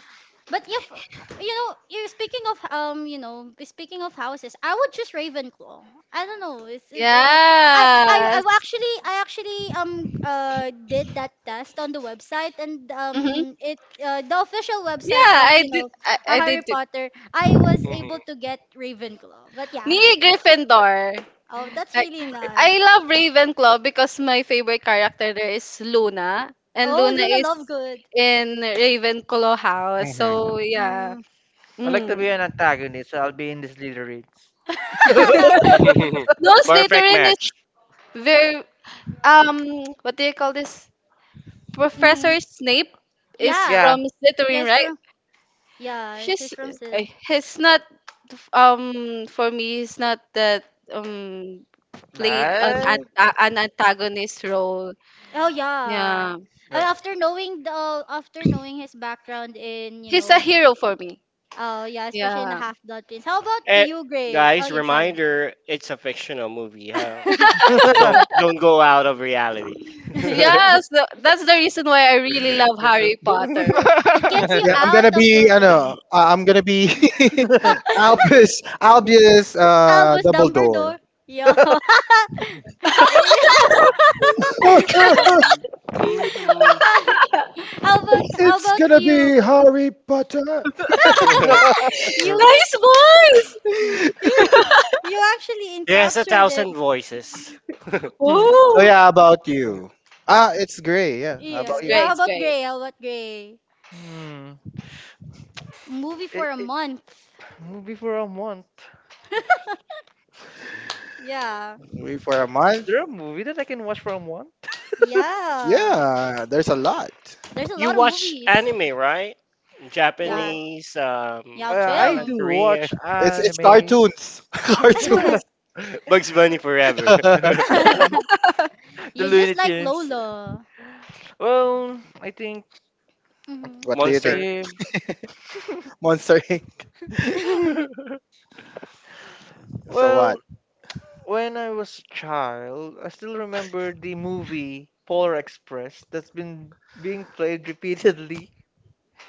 But if you know, you're speaking of um, you know, speaking of houses, I would choose Ravenclaw. I don't know. It's, it's it, I I
yes.
I actually I actually um uh did that test on the website, and
Hmm.
um it uh, the official
Yeah,
website of
I
you
did.
know
I,
a
I
Harry
did too.
Potter. I was able to
mhm.
get Ravenclaw. But yeah,
Me, Gryffindor.
oh, that's
I
really nice.
I love Ravenclaw because my favorite character there is Luna, and
Oh,
Luna
Luna
is
Lovegood.
in Ravenclaw house. So yeah.
Mm.
I'd like
Oh.
to
Mm.
be an antagonist, so I'll be in this lyrics.
No,
Perfect
Slytherin is
match.
very um what do you call this?
Hmm.
Professor Snape is
Yeah.
from
Yeah. Yeah,
Slytherin,
he's
right?
from yeah, he's
She's
from
eh,
Slither.
he's not um for me he's not that um played an
Bye.
anta- an antagonist role.
Oh yeah.
Yeah.
Uh,
Yeah.
after knowing the after knowing his background in, you
He's a
know,
hero for me.
oh yeah, especially in the
Yeah.
Half-Blood Prince. How about
And
you, Gray? Oh
guys,
yeah, sorry.
reminder, it's a fictional movie. Huh? Don't
No.
don't go out of reality.
Yeah.
Yes, tha- that's the reason why I really love Harry Potter.
It gets you
Yeah, I'm gonna
out of
be
the
I know
room.
uh, I'm gonna be Albus Albus uh
Albus
Dumbledore.
Dumbledore. Yo. Eh,
Mhm.
how about how
It's
about
gonna be
you?
Harry Potter.
You can
Nice voice.
you, you actually
It a
encaptured it.
thousand voices.
Hmm.
So
Oh,
yeah, how about you? Ah, it's Gray. Yeah, how
it's
Yeah.
about you?
Yeah,
great.
how
It's
about
great.
Gray? How about Gray?
Hmm.
Movie
I-
for a
I-
month.
Movie for a month.
Yeah.
We for a
Is
month?
there a movie that I can watch for a month?
Yeah.
Yeah, there's a lot.
There's a
You
lot of
watch
movies.
anime, right?
Yeah.
Well,
Japanese, um,
Yeah,
uh, I
Thailand,
do
film.
Korean.
watch
It's it's
anime.
cartoons. Cartoons.
Bugs Bunny forever.
The
You
Looney
just like
Tunes.
Lola.
Well, I think
Hmm.
What do you think?
Monster.
if
Monster inc
What?
So what?
well, when I was a child, I still remember the movie Polar Express that's been being played repeatedly.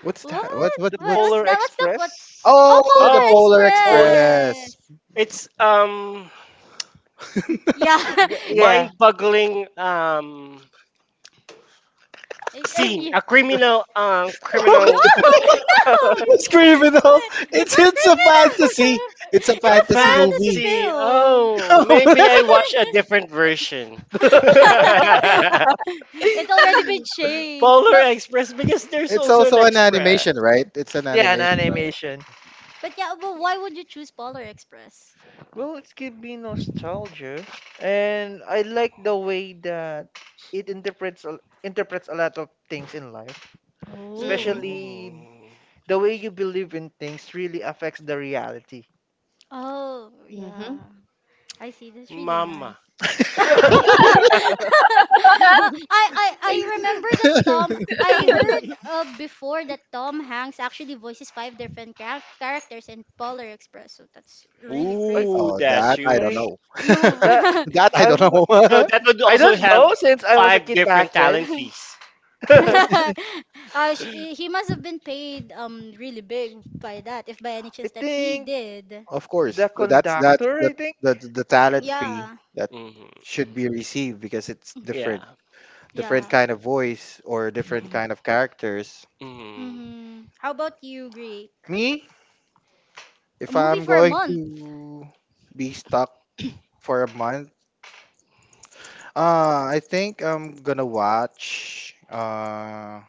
What's
What?
that? What what
The
what's
What's
Polar
that? What's the what?
Express.
Oh,
Oh, the
Polar
Oh,
Polar
oh,
Express.
Express.
it's um
Yeah.
G- Yeah,
mind-boggling um
Eh, eh,
scene.
y-
A criminal um
no,
criminal
What's
no.
criminal?
It's
It's it's a
not
fantasy.
criminal.
It's a
It's
A
a
fantasy
fantasy
movie.
fantasy.
film.
Oh, maybe I watch a different version.
It's already been changed.
Polar
But
Express because there's
It's
also an
also an
express.
animation, right? It's an
yeah, an
animation, right?
animation.
but yeah, but why would you choose Polar Express?
Well, it's give me nostalgia, and I like the way that it interprets a- interprets a lot of things in life,
Oh.
especially
Mm,
the way you believe in things really affects the reality.
Oh, yeah.
Mm-hmm.
I see. That's really nice.
mama.
Uh, I, I I remember that Tom. I heard uh, before that Tom Hanks actually voices five different charac- characters in Polar Express. So that's really
I,
Ooh,
crazy.
Oh,
that's
that I don't
I
huge.
know.
that
You
That I
I'm,
don't
So
know.
that would
I
also
don't
have
know since I was a
five
kid
different
back then.
talent fees. Hmm.
I
uh, sh he must have been paid um really big by that, if by any chance that he
think
did.
Of course,
the
that's that's
conductor.
the
I think.
the the talent fee
Yeah,
that should be received because it's
Yeah.
different, different
yeah.
kind of voice or different
Mhm.
kind of characters.
Mm.
Mm-hmm. How about you, Greek?
Me,
A
if
movie
I'm
for a
going
month.
to be stuck for a month, uh, I think I'm gonna watch uh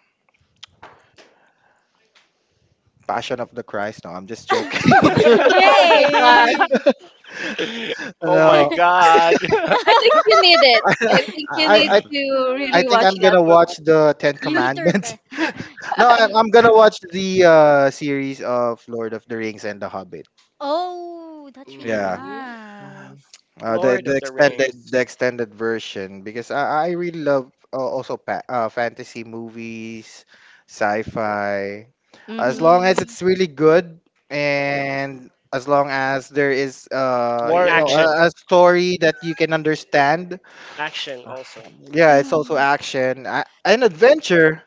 Passion of the Christ. No, I'm just joking.
Oh my gosh.
Yay!
Oh my
No,
God.
I think you need it. I think you
I,
need
I
to
I
really
think
watch
I'm
that
gonna
for a
watch the Ten
You need to
Commandments.
repay.
No, I,
Ye-
I'm gonna watch the uh, series of Lord of the Rings and The Hobbit.
oh, that's really
Yeah,
Mhm.
Mhm.
nice.
uh, the
Lord
the
of the
extended
Rings.
the extended version because I I really love uh, also pa- uh, fantasy movies, sci-fi,
month.
as long
Mm-hmm.
as
Mm-hmm.
it's really good and as long as there is uh
And
War
you know
in it
action,
a, a story that you can understand.
action also.
Yeah, it's also
Mm-hmm.
action, a- an adventure.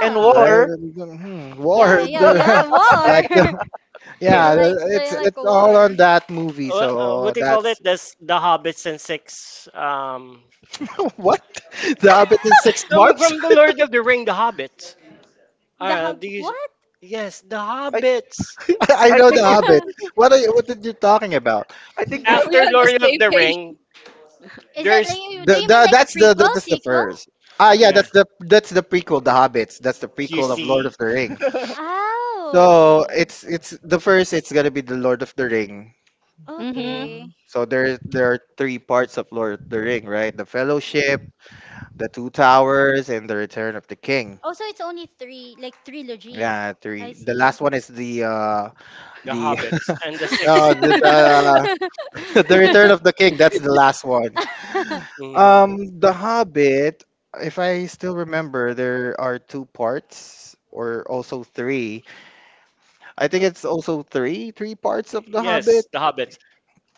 and
Right?
war.
And, Hmm,
Yeah,
war.
yeah,
They
yeah. War.
like the
Huh.
You
yeah,
like
the- it's
you like
it's
a
all
war.
on that movie.
Wha- uh,
So
what do you call it?
that's
This the Hobbits and six. Um,
what the Hobbit is
it's
six
coming from
dwarfs.
the Lord of the Ring, the Hobbits.
The
Uh,
hab
do you?
what?
Yes, the
I
Hobbits.
I
I
know
think
the Hobbit. What are you, what did you talking about?
I think
Are
this.
we
After
on the
Lord of
same
the
page?
Ring,
Is that like
there's
you- do
The,
you mean
the
like a
that's the, the
prequel,
that's the
sequel?
first. Ah, yeah,
yeah.
that's the that's the prequel, the Hobbits. That's the
You
prequel of Lord of
see
the Ring.
the
Oh.
So it's it's the first. It's gonna be the Lord of the Ring.
Mm-hmm.
Okay.
Mhm.
So there there are three parts of Lord of the Ring, right? The Fellowship, the Two Towers, and the Return of the King.
Oh, so it's only three, like trilogy.
Yeah,
I
three. The
see.
last one is the uh the
Hobbits and the
no
six.
the the, the Return of the King. That's the last one.
Mm,
Um, The Hobbit. If I still remember, there are two parts or also three. I think it's also three three parts of The
yes,
Hobbit.
the Hobbits,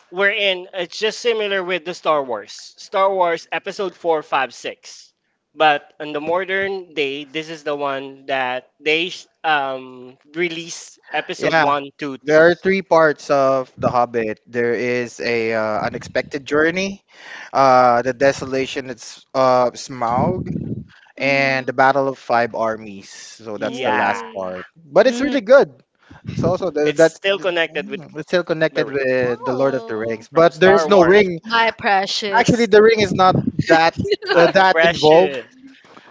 wherein it's just similar with the Star Wars. Star Wars episode four, five, six. But on the modern day, this is the one that they sh- um, release episode
Yeah,
one, two, three.
there are three parts of The Hobbit. There is a uh, unexpected journey, uh, the desolation. It's uh Smaug and the
Mm-hmm.
Battle of Five Armies. So that's the
Yeah.
last
Oh.
part, but it's
Mm-hmm.
really good. It's also the,
It's
that's
still
mm,
connected with
it's still
the
connected
ring
with the Lord of the
Oh.
Rings,
from
but there is
Star
no
That's
Wars.
right.
ring.
My
Actually,
precious.
the ring is not that uh,
Ah,
that involved.
precious.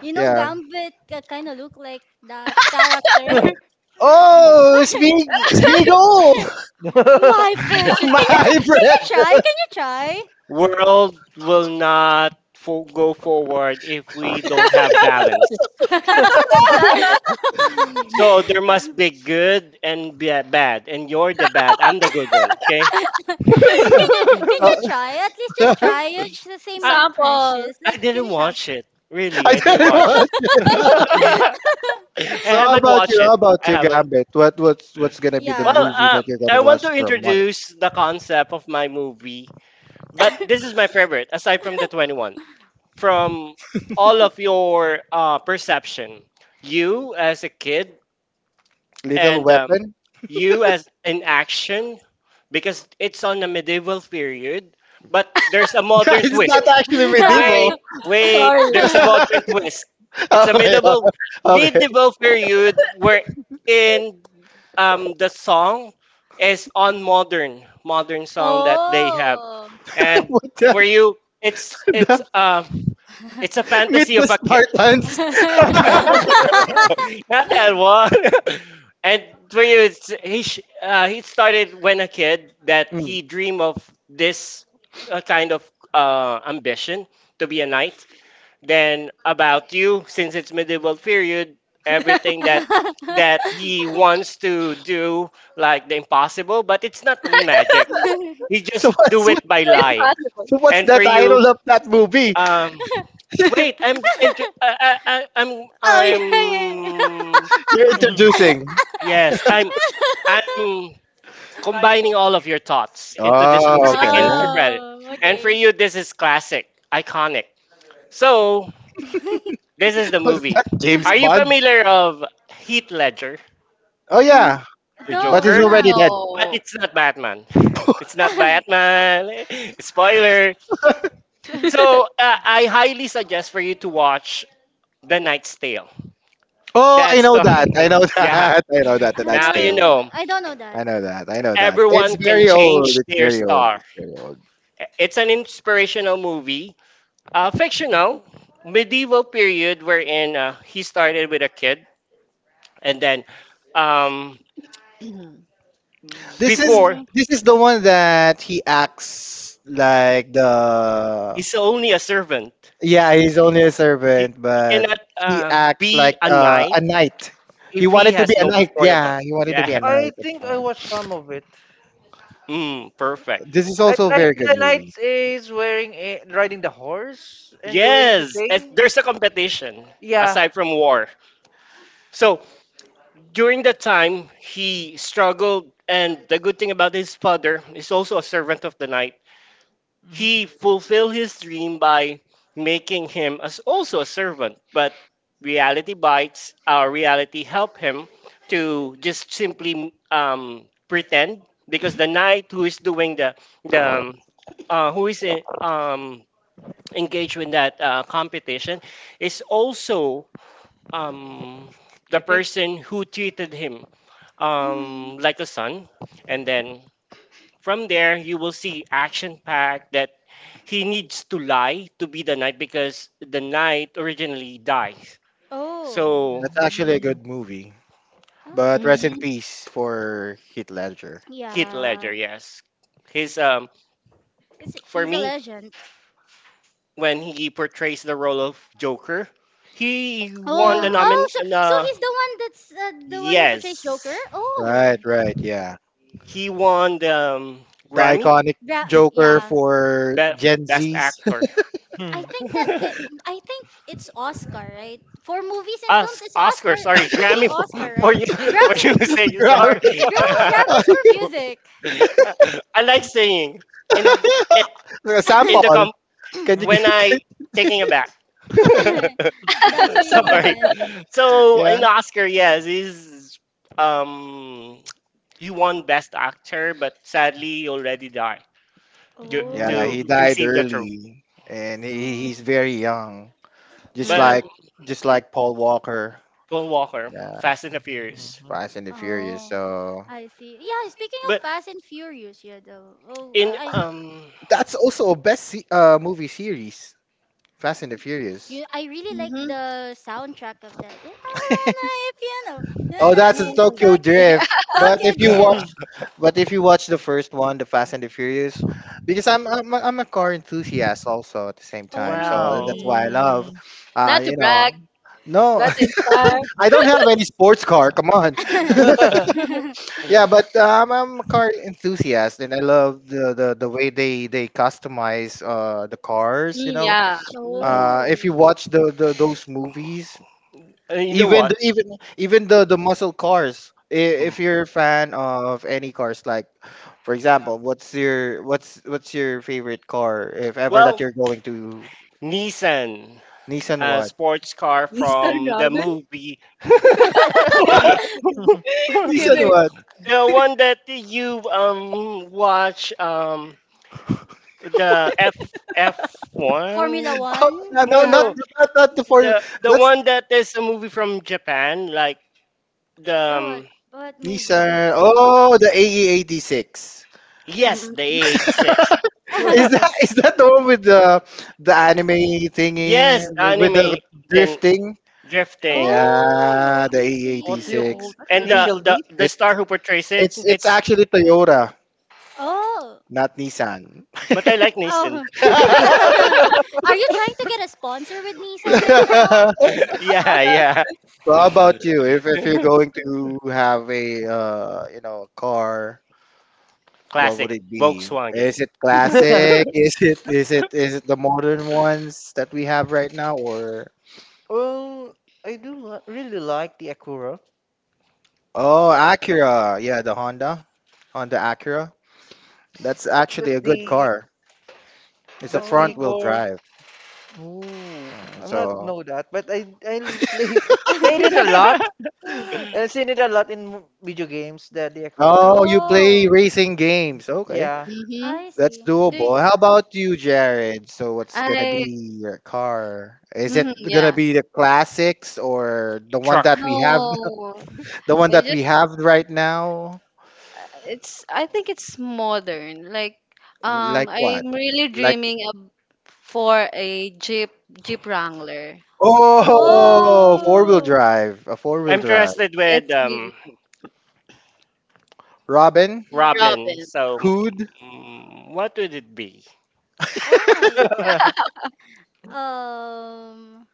You know,
Yeah.
Gambit kind of look like that character.
Oh, Smeag Smeagol,
My precious,
my
can you try? Can you
impression.
try? Can you
World will not fo- go forward if we don't have balance.
try? but
So there must be good and be bad, and you're the bad. I'm the good one. Okay.
can you can you try? At least
So,
just try. You should say
I
my
Sample.
precious.
I
Like, can
didn't
you some?
watch it. Really,
I
I didn't
didn't
watch it.
watch. It.
I
So how
haven't
about you?
watched it.
How about
I
you,
haven't.
Gambit? What what's what's gonna be the
Well,
Yeah.
movie that
um,
you're
I
gonna
want
watch
to
for a month?
introduce the concept of my movie, but this is my favorite aside from the Twenty One. From all of your uh, perception, you as a kid
Little
and um,
Weapon.
you as in action, because it's on a medieval period, but there's a modern
It's
twist.
I'm
not actually medieval.
Wait,
sorry.
wait.
Sorry.
There's a modern twist. It's a
Okay, o-
medieval
okay.
medieval period where in um the song is on modern modern song that they have.
Oh.
And
Putya.
for you, it's
The,
it's
the,
uh it's a
meet
fantasy
the
of a kid.
Spartans.
Not that one. And for you, it's, he sh- uh, he started when a kid that
Mm.
he dream of this uh, kind of uh, ambition to be a knight, then about you, since it's medieval period, everything that that he wants to do, like the impossible, but it's not magic. He
So
just do
what's
it
what,
by
No,
lie.
impossible.
so what's
And
the
for you,
title of that movie
um, wait, I'm into, I, I, I-
Oh
I'm,
yeah, yeah, yeah.
I'm,
you're introducing?
yes, I'm, I'm combining all of your thoughts into this
Oh,
movie so you can
okay.
interpret it.
Oh,
And for
okay.
you, this is classic, iconic. So this is the
Was
movie.
that James
Are you
Bond?
familiar of Heath Ledger,
Oh
N-
yeah,
the
but
no, I'm
he's
Joker?
not.
already dead.
But
No.
it's not Batman. It's not
I
Batman. Spoiler. So uh, I highly suggest for you to watch The Night's Tale.
Oh, I
That's
know
the
that. I know
yeah.
that. I know that. The Night's
Now you
Tale.
don't.
know
I don't know that.
I know that. I know that. It's
everyone can
very old.
change
It's
their
very old.
star.
It's very old.
It's an inspirational movie, uh, fictional, medieval period wherein uh, he started with a kid and then um,
This is
before
Mhm.
this is the one that he acts like the
he's only a servant.
yeah he's only a servant,
He
but
cannot
he
uh,
acts
be
like
a
uh,
knight
a knight. He
if he
wanted to be
has
a
no
knight.
royal blood.
Yeah, he wanted to be
Yeah.
a
I
knight.
think I watched some of it.
Mm, perfect.
This is
I
also a
like
very good
the knight
movie.
is wearing a, riding the horse and doing the
Yes. And
thing.
there's a competition
Yeah.
aside from war. So during that time, he struggled. And the good thing about his father is also a servant of the knight. He fulfilled his dream by making him as also a servant, but reality bites, our reality help him to just simply um, pretend because the knight who is doing the the um, uh, who is in, um, engaged in that uh, competition is also um, the person who treated him
Mhm.
um, like a son, and then from there you will see action packed that he needs to lie to be the knight because the knight originally dies.
Oh.
So
That's actually a good movie. But
Oh.
rest in
Mm-hmm.
peace for Heath Ledger.
Heath
Yeah.
Ledger, yes. His um
It's,
For
he's a
me,
legend.
when he portrays the role of Joker, he won the
Yeah.
Oh. Oh.
nomin
So, so
uh,
he's the one that's uh, the one who portrays Joker.
yes.
Oh.
Right, right, yeah.
He won the um,
The
Grammy,
iconic Joker
Yeah.
for
best
Gen
best
Zs.
actor.
I think that it, I think it's Oscar, right? For movies and films,
Os-
it's Oscar.
Oscar,
It
sorry,
should be
Grammy for,
Oscar,
for
right?
you for
Grammy,
you saying sorry.
Gro- Grammys for music.
I like saying in in the
Sample.
com
Can you
when
give?
I taking it back.
That's really
Sorry.
nice.
So
Yeah.
in the Oscar, yes, he's um he won Best Actor, but sadly he already died to,
Yeah,
to
Mhm.
he
Oh,
died
receive the trophy.
early, and he, he's
oh,
very young,
Mhm.
just
But
like
Mhm.
just like Paul Walker.
Paul Walker,
Yeah,
Fast and the Furious.
Fast and the Furious.
oh.
So
I see. Yeah, speaking of
But
Fast and Furious, yeah, though. Oh, I,
in
I-
um
that's also a best se- uh, movie series, Fast and the Furious.
you, I really like the soundtrack of that. Yeah, I wanna hear piano.
Oh, that's a
Na-na-na-na,
Tokyo
Tokyo.
Yeah.
Drift. But
Tokyo
if you watch,
Drift.
but if you watch the first one, the Fast and the Furious, because I'm I'm a, I'm a car enthusiast also at the same time, so
wow,
that's why
Oh.
I love, uh,
Not to
you
brag,
know, no,
but to inspire.
I don't have any sports car. Come on. Yeah, but uh, I'm, I'm a car enthusiast, and I love the, the, the way they they customize uh, the cars. You
Mm,
know,
yeah. Mhm.
uh, if
Oh,
you watch the, the those movies,
Uh, you know
even the,
what?
even even the, the muscle cars. i- If
Mm.
you're a fan of any cars, like for example, what's your what's what's your favorite car? If ever that
Well,
you're going to
Nissan,
Nissan
a
what?
sports car
mister
from the
Robin?
movie. The
Nissan
Kidding.
what?
one that you um watch um the F
Formula
F1?
Oh, no,
One?
no,
No,
not,
no.
Yeah.
not, not the four.
The the
That's
one that is a movie from Japan like the
Oh, what,
um,
what movie?
Nissan. Oh, the A E eight six.
yes, the
Mhm.
A eight six.
Is that is that the one with the the anime thingy
Yes, the
the- with the
anime then
drifting?
drifting.
Yeah,
Oh,
the
I
A
What do you
see.
eighty-six.
call that?
And the
Initial
the
D?
the
It's
star who portrays it,
it's it's
it's
actually Toyota,
Oh,
not Nissan.
but I like Nissan.
oh. Are you trying to get a sponsor with Nissan right now?
Yeah, yeah.
So how about you? If if you're going to have a uh, you know car, what
Classic
would it be? Is
Volkswagen
it classic? Is it is it is it the modern ones that we have right now, or
Well, I do li- really like the Akura.
oh, Acura. Yeah, the Honda. Honda Acura. That's
That's
actually a good
the
car. It's a
that's the
front
Oh.
wheel
core.
drive.
Ooh,
Uh,
I'm not
so,
know that, but I I play played it a lot. I've seen it a lot in mo- video games. The the aquarium.
oh, you play
Oh,
racing games. Okay.
Yeah.
Mhm.
I
That's
see. Do you,
doable. How about you, Jared? So, what's going to
I.
be your car? Is
Mhm.
it going to
Yeah.
be the classics or the one
truck.
that we have
No.
the one
I
that we
just.
have right now?
Uh, it's. I think it's modern. Like. Um,
Like what?
I'm really
Like
dreaming of for a Jeep Jeep Wrangler.
oh, four-wheel
Oh.
oh.
drive, a four-wheel
I'm
drive.
interested with
It's
um
really
Robin
Yeah.
Robin.
Robin.
So
Hood.
mm, what would it be?
Oh my. Um,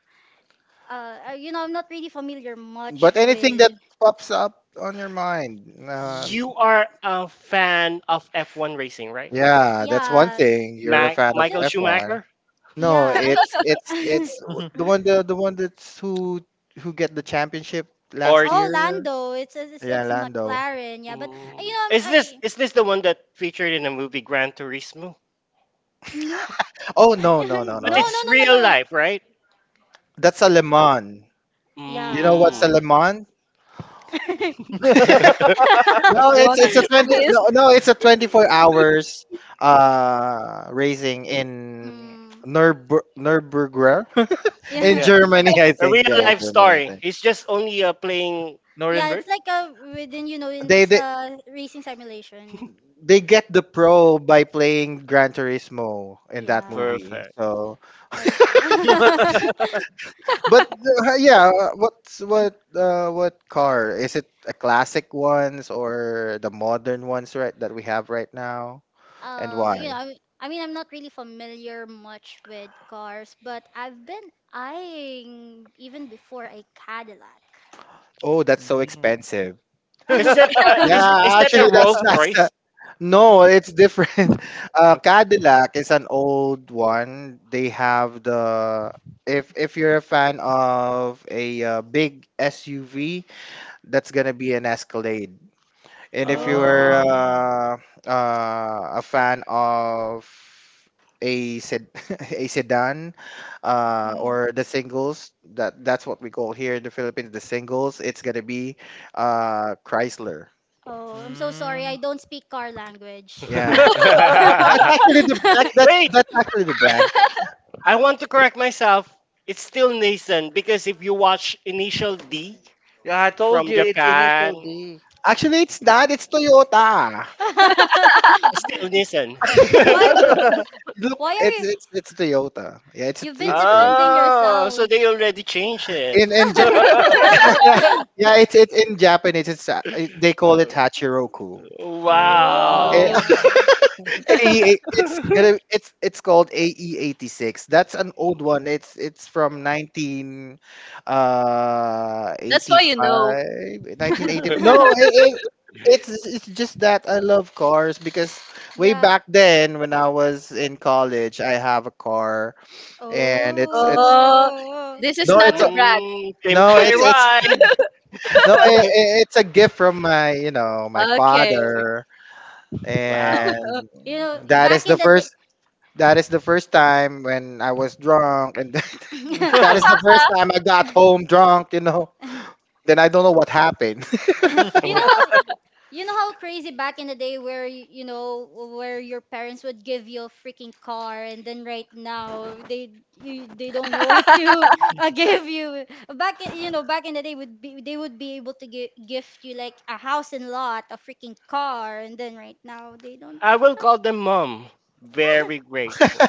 uh, uh, you know, I'm not really familiar much
But anything
with.
that pops up on your mind, uh,
You are a fan of F one racing, right?
yeah, that's one
Yeah,
thing. You're a
Ma-
fan of
Michael
ju-
F one.
Schumacher
No,
yeah. I
it's it's
mean,
it's the one the, the one that's who who get the championship
or
last
oh,
year.
Lando. It's a, it's,
Yeah,
it's a
Lando.
McLaren. Yeah, but uh, you
mm.
know,
Is
I'm,
this
I,
is this the one that featured in the movie Gran Turismo?
no,
Oh, no, no, no,
no,
But
no.
no,
it's
no, no,
real
no.
life, right?
That's a Le Mans. You know what's
Mm.
a
Yeah.
Le Mans? No,
The
it's
one that
it's
you
a twenty
squeeze?
no no it's a twenty four hours uh racing in
Mm,
Nürburg Nürburgring in
yeah,
Yeah,
yeah,
Germany I
a real
think yeah in
yeah,
life
Germany I
story.
think
He's just only uh, playing.
yeah. It's like a within, you know,
they
it's
they
uh racing simulation.
they get the pro by playing Gran Turismo in that
Yeah,
movie,
Perfect.
so
I see.
but uh, yeah, what's what uh what car is it, a classic ones or the modern ones right that we have right now? And
Um, you
why?
know, I mean, I mean, I'm not really familiar much with cars, but I've been eyeing even before a Cadillac.
Oh, that's so
Mm.
expensive.
Is that uh, is is
Yeah,
that
actually,
a
that's
Rolls
that's the,
Royce?
no, it's different. Uh, Cadillac is an old one. They have the if if you're a fan of a uh, big S U V, that's gonna be an Escalade, and if you're
Oh,
Um.
Mm.
uh, uh, a fan of a sed a sedan uh,
mm,
or the singles, that that's what we call here in the Philippines, the singles, it's gonna be uh, Chrysler.
oh, I'm so sorry.
Mm.
I don't speak car language.
Yeah. That's actually the that, that's
Wait,
that's actually the brand.
I want to correct myself. It's still Nathan because if you watch Initial D
Yeah, I told
from
you it's initial
Japan,
D.
Actually, it's not. It's Toyota.
still Nissan.
Why,
Look,
why
it's
are you?
it's it's Toyota. Yeah, it's
You've
it's,
been
it's Toyota.
defending
Oh, so
yourself.
they already changed it.
In in ja- yeah, yeah, it's it's in Japanese. It's uh, it- they call it Hachiroku. Eh,
Mm.
Wow.
Oh.
Oh.
A E it's gonna it's it's called A E eighty-six. That's an old one. It's it's from nineteen uh
That's why you know.
eighty-five nineteen eighty. No, it, it, it's it's just that I love cars because way
Yeah.
back then when I was in college, I have a car and it's it's
Oh,
Oh.
this is
no,
not
it's a,
to brag.
Mm, pimp
no,
my
it's it's
ride.
no, it- it's a gift from my, you know, my
Okay.
father,
Wow.
and
You know,
that is
back
the
in the day.
first that is the first time when I was drunk, and that is the first time I got home drunk. You know, then I don't know what happened.
You know how You know how crazy back in the day where y- you know where your parents would give you a freaking car, and then right now they, you, they don't know what to uh, give you. Back in, you know, back in the day would be they would be able to gi- gift you like a house and lot, a freaking car, and then right now they don't.
I will call them mom. Very grateful.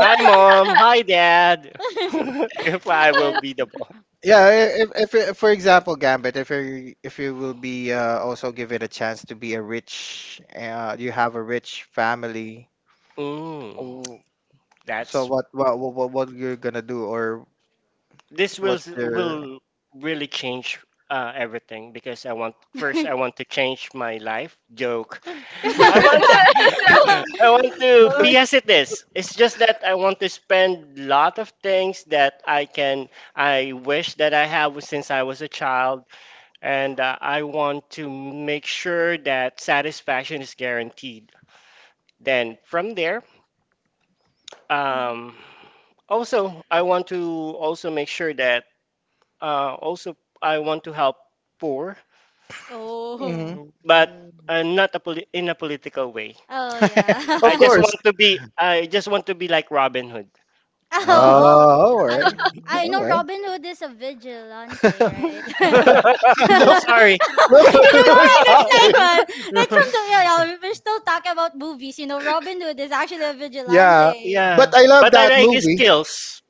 Hi, mom. Hi, dad. If I will
Then-
be the boy.
Yeah, i- if, if for example, Gambit, if you if you will be uh, also given a chance to be a rich, uh, you have a rich family.
Mm,
w- So
that's
what what what what you're gonna do, or
This will
what's
s-
your?
will really change uh, everything because I want first I want to change my life joke. I want to, I want to
Oh.
be as it is. It's just that I want to spend lot of things that I can I wish that I have since I was a child and uh, I want to make sure that satisfaction is guaranteed. Then from there
Mm.
um also I want to also make sure that Uh, also, I want to help poor,
Hmm.
Oh.
but uh, not a poli- in a political way.
Oh
I
Of
yeah.
just
course.
want to be. I just want to be like Robin Hood.
Oh,
Oh.
oh.
Oh, all
I
right.
I
Oh
know
well.
Robin Hood is a vigilante, right?
Oh,
look,
sorry.
look
He looks
who's
he looks like
talking.
one. Like from
Mm.
the, yeah, yeah, we're still talking about movies. You know, Robin Hood is actually a
Yeah,
vigilante.
but
Yeah,
I love
but I
that
like his
movie.
skills.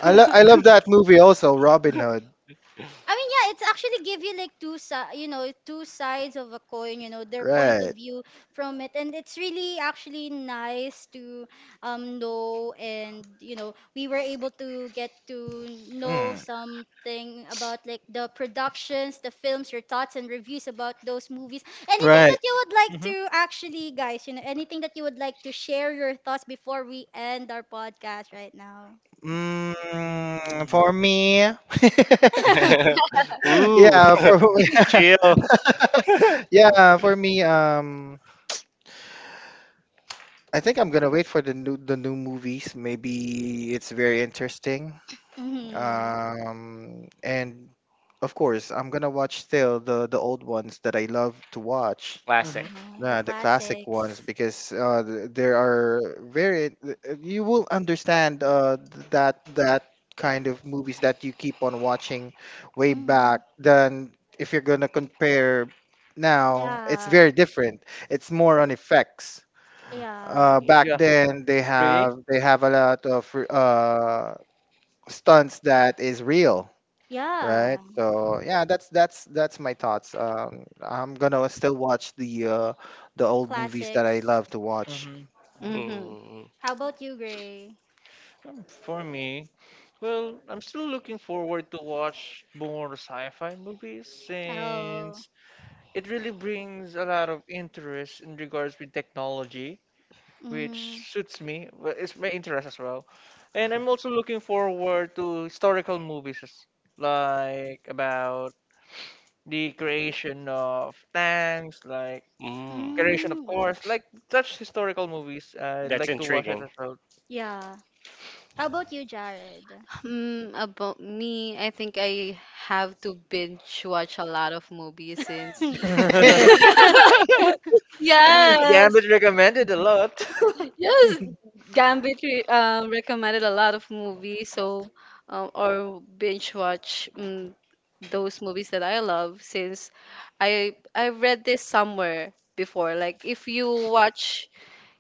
I lo- I love that movie also, Robin Hood.
I mean, yeah, it's actually give you like two si- you know, two sides of a coin, you know, their point of
Right.
view from it. And it's really actually nice to um know. And you know, we were able to get to know
Mm.
something about like the productions, the films, your thoughts and reviews about those movies. Anything
Right.
that you would like
Mhm.
to actually, guys, you know, anything that you would like to share your thoughts before we end our podcast right now.
Mm, for
Mm,
me.
Ooh,
yeah, for
chill.
yeah, for me um I think I'm going to wait for the new the new movies. Maybe it's very interesting.
Hmm.
Um, and of course, I'm gonna watch still the the old ones that I love to watch.
Classic.
mhm.
Oh, the
Yeah, the classic ones
classics.
because uh, th- there are very uh, you will understand uh, th- that that kind of movies that you keep on watching way
Mm.
back than if you're gonna compare now. It's
Yeah.
very different. It's more on effects.
Yeah.
Uh, back
Yeah,
then they
agree.
have they have a lot of uh, stunts that is real, right?
Yeah.
So yeah, that's that's that's my thoughts. Um, I'm gonna still watch the uh, the old movies that I
Classics.
love to watch.
Mhm.
Yeah.
Mm-hmm.
Mm,
How about you, Gray?
Um, for me, well, I'm still looking forward to watch more sci-fi movies
Oh.
since it really brings a lot of interest in regards with technology, which
Mm-hmm.
suits me. Well, it's my interest as well, and I'm also looking forward to historical movies as- like about the creation of tanks, like
mm.
creation of
Mm.
course, like such historical movies. I
That's
like to watch it
intriguing.
as well.
Yeah. How about you, Jared?
Hmm, about me, I think I have to binge watch a lot of movies since
Since
yes,
Gambit recommended a lot.
yes, Gambit re- um, recommended a lot of movies, so um, or binge watch, mm, those movies that I love since I I read this somewhere before. Like if you watch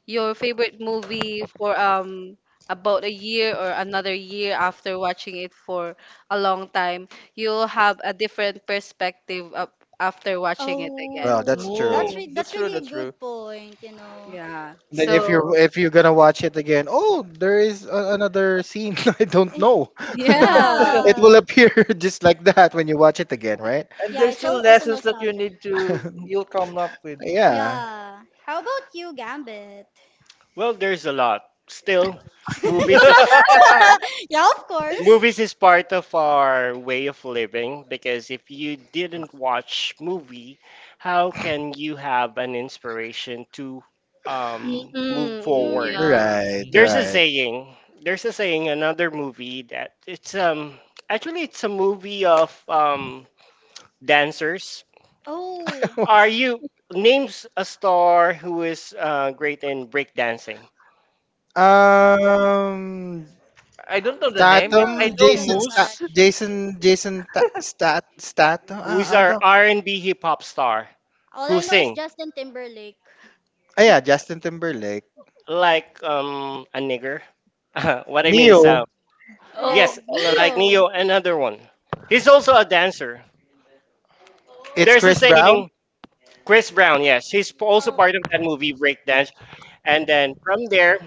your favorite movie for um about a year or another year after watching it for a long time, you'll have a different perspective up after watching it again.
Well, that's
Oh,
true.
Okay.
that's
Oh,
re
that's
that's
true,
really a
that's true.
good point, you know.
Yeah.
Then if you're
So,
if you're gonna watch it again, oh, there is a, another scene I don't
Eh,
know.
yeah.
It will
yeah.
appear just like that when you watch it again, right?
And
Yeah,
there's
it's
still
all also
lessons that you
nostalgia.
need to you'll come up with.
Yeah.
Yeah. How about you, Gambit?
Well, there's a lot. Still, movies is
Yeah, of course.
movies is part of our way of living because if you didn't watch movie, how can you have an inspiration to um, move
Mm-hmm.
forward?
Yeah.
Hmm.
Right,
There's a
right.
saying. There's a saying. Another movie that it's um actually it's a movie of um dancers.
Oh.
Are
What's-
you names a star who is uh, great in breakdancing?
Um,
I
Uh,
don't know the
I
name, but
Tatum,
I
don't I
know
don't
Jason,
know
Sta-
Moose.
much.
Jason, Jason, Ta- Stat, Statham. Ah,
Who's our
ano?
R and B hip hop star
All
who
I know is
sings?
Justin Timberlake.
Ah, yeah, Justin Timberlake.
Like um a nigger. What I mean is,
Neo,
uh,
Oh
Uh,
yes, like
Neo.
Neo, another one. He's also a dancer.
it's
There's a
Chris Brown.
saying, Chris Brown. Yes, he's p- also
Well,
part of that movie Breakdance. And then from there,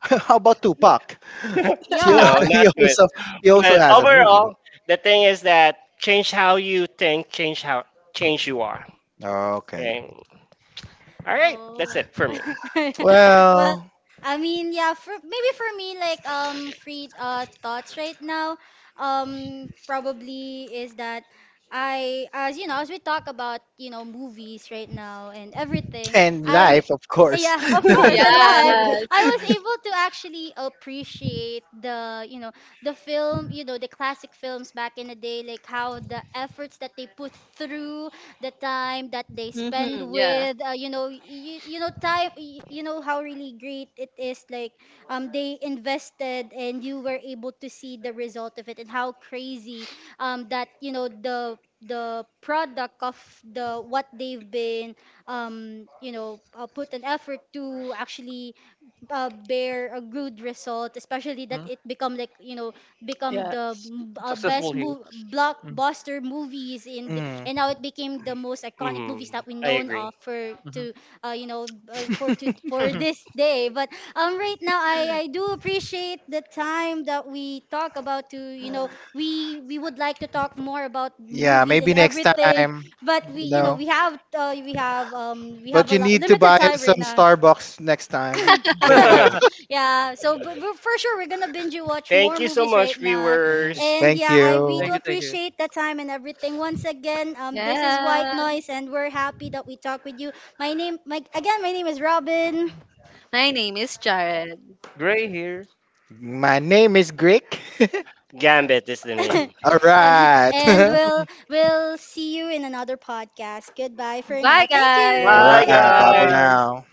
How about Tupac? He,
no,
yeah.
he
not good.
also he also
But
has a movie.
overall, the thing is that change how you think, change how change you are.
Oh, okay.
Okay. All right, that's
Oh.
it for me.
Well,
Well,
I mean, yeah, for maybe for me like um free uh thoughts right now, um probably is that I as you know, as we talk about, you know, movies right now and everything,
and
I
life, of course.
yeah, of course, and live. I
yes.
was able to actually appreciate the, you know, the film, you know, the classic films back in the day, like how the efforts that they put through, the time that they spend
Mm-hmm. Yeah.
with uh, you know you, you know time y- you know how really great it is, like um they invested, and you were able to see the result of it and how crazy um that you know the the product of the what they've been um you know uh, put an effort to actually uh, bear a good result, especially that
Mhm.
it become like, you know, become the
Yes.
mm, uh,
Successful
best
here.
move
Mhm.
blockbuster movies in the,
Mm.
and now it became the most iconic
hmm
movies that we
I
known
agree.
of for
Mhm.
to uh, you know uh, for to for this day. But um right now I I do appreciate the time that we talk about, to you know
Mm.
we we would like to talk more about
Yeah,
movies and
maybe next
everything,
time,
but we
you
you know
know.
we have uh, we have um we have
But
a
you
lot,
need to
limited
buy
time
us
right
some
now.
Starbucks next time.
Yeah, so but we're, for sure we're gonna binge watch more
Thank you so
movies
much,
right now,
viewers.
and
Thank
yeah, I we
you.
do
Thank you, thank you.
appreciate the time and everything once again. Um, this is White
Yeah.
Noise, and we're happy that we talk with you. My name, my again, my name is Robin,
My name is Jared.
Gray here.
My name is Greek.
Gambit is the name.
All
eh,
right.
and
All
we'll we'll see you in another podcast. Goodbye for
Bye,
now. Thank
Bye,
guys.
right.
Hi,
you.
Bye for
guys.
guys.
now.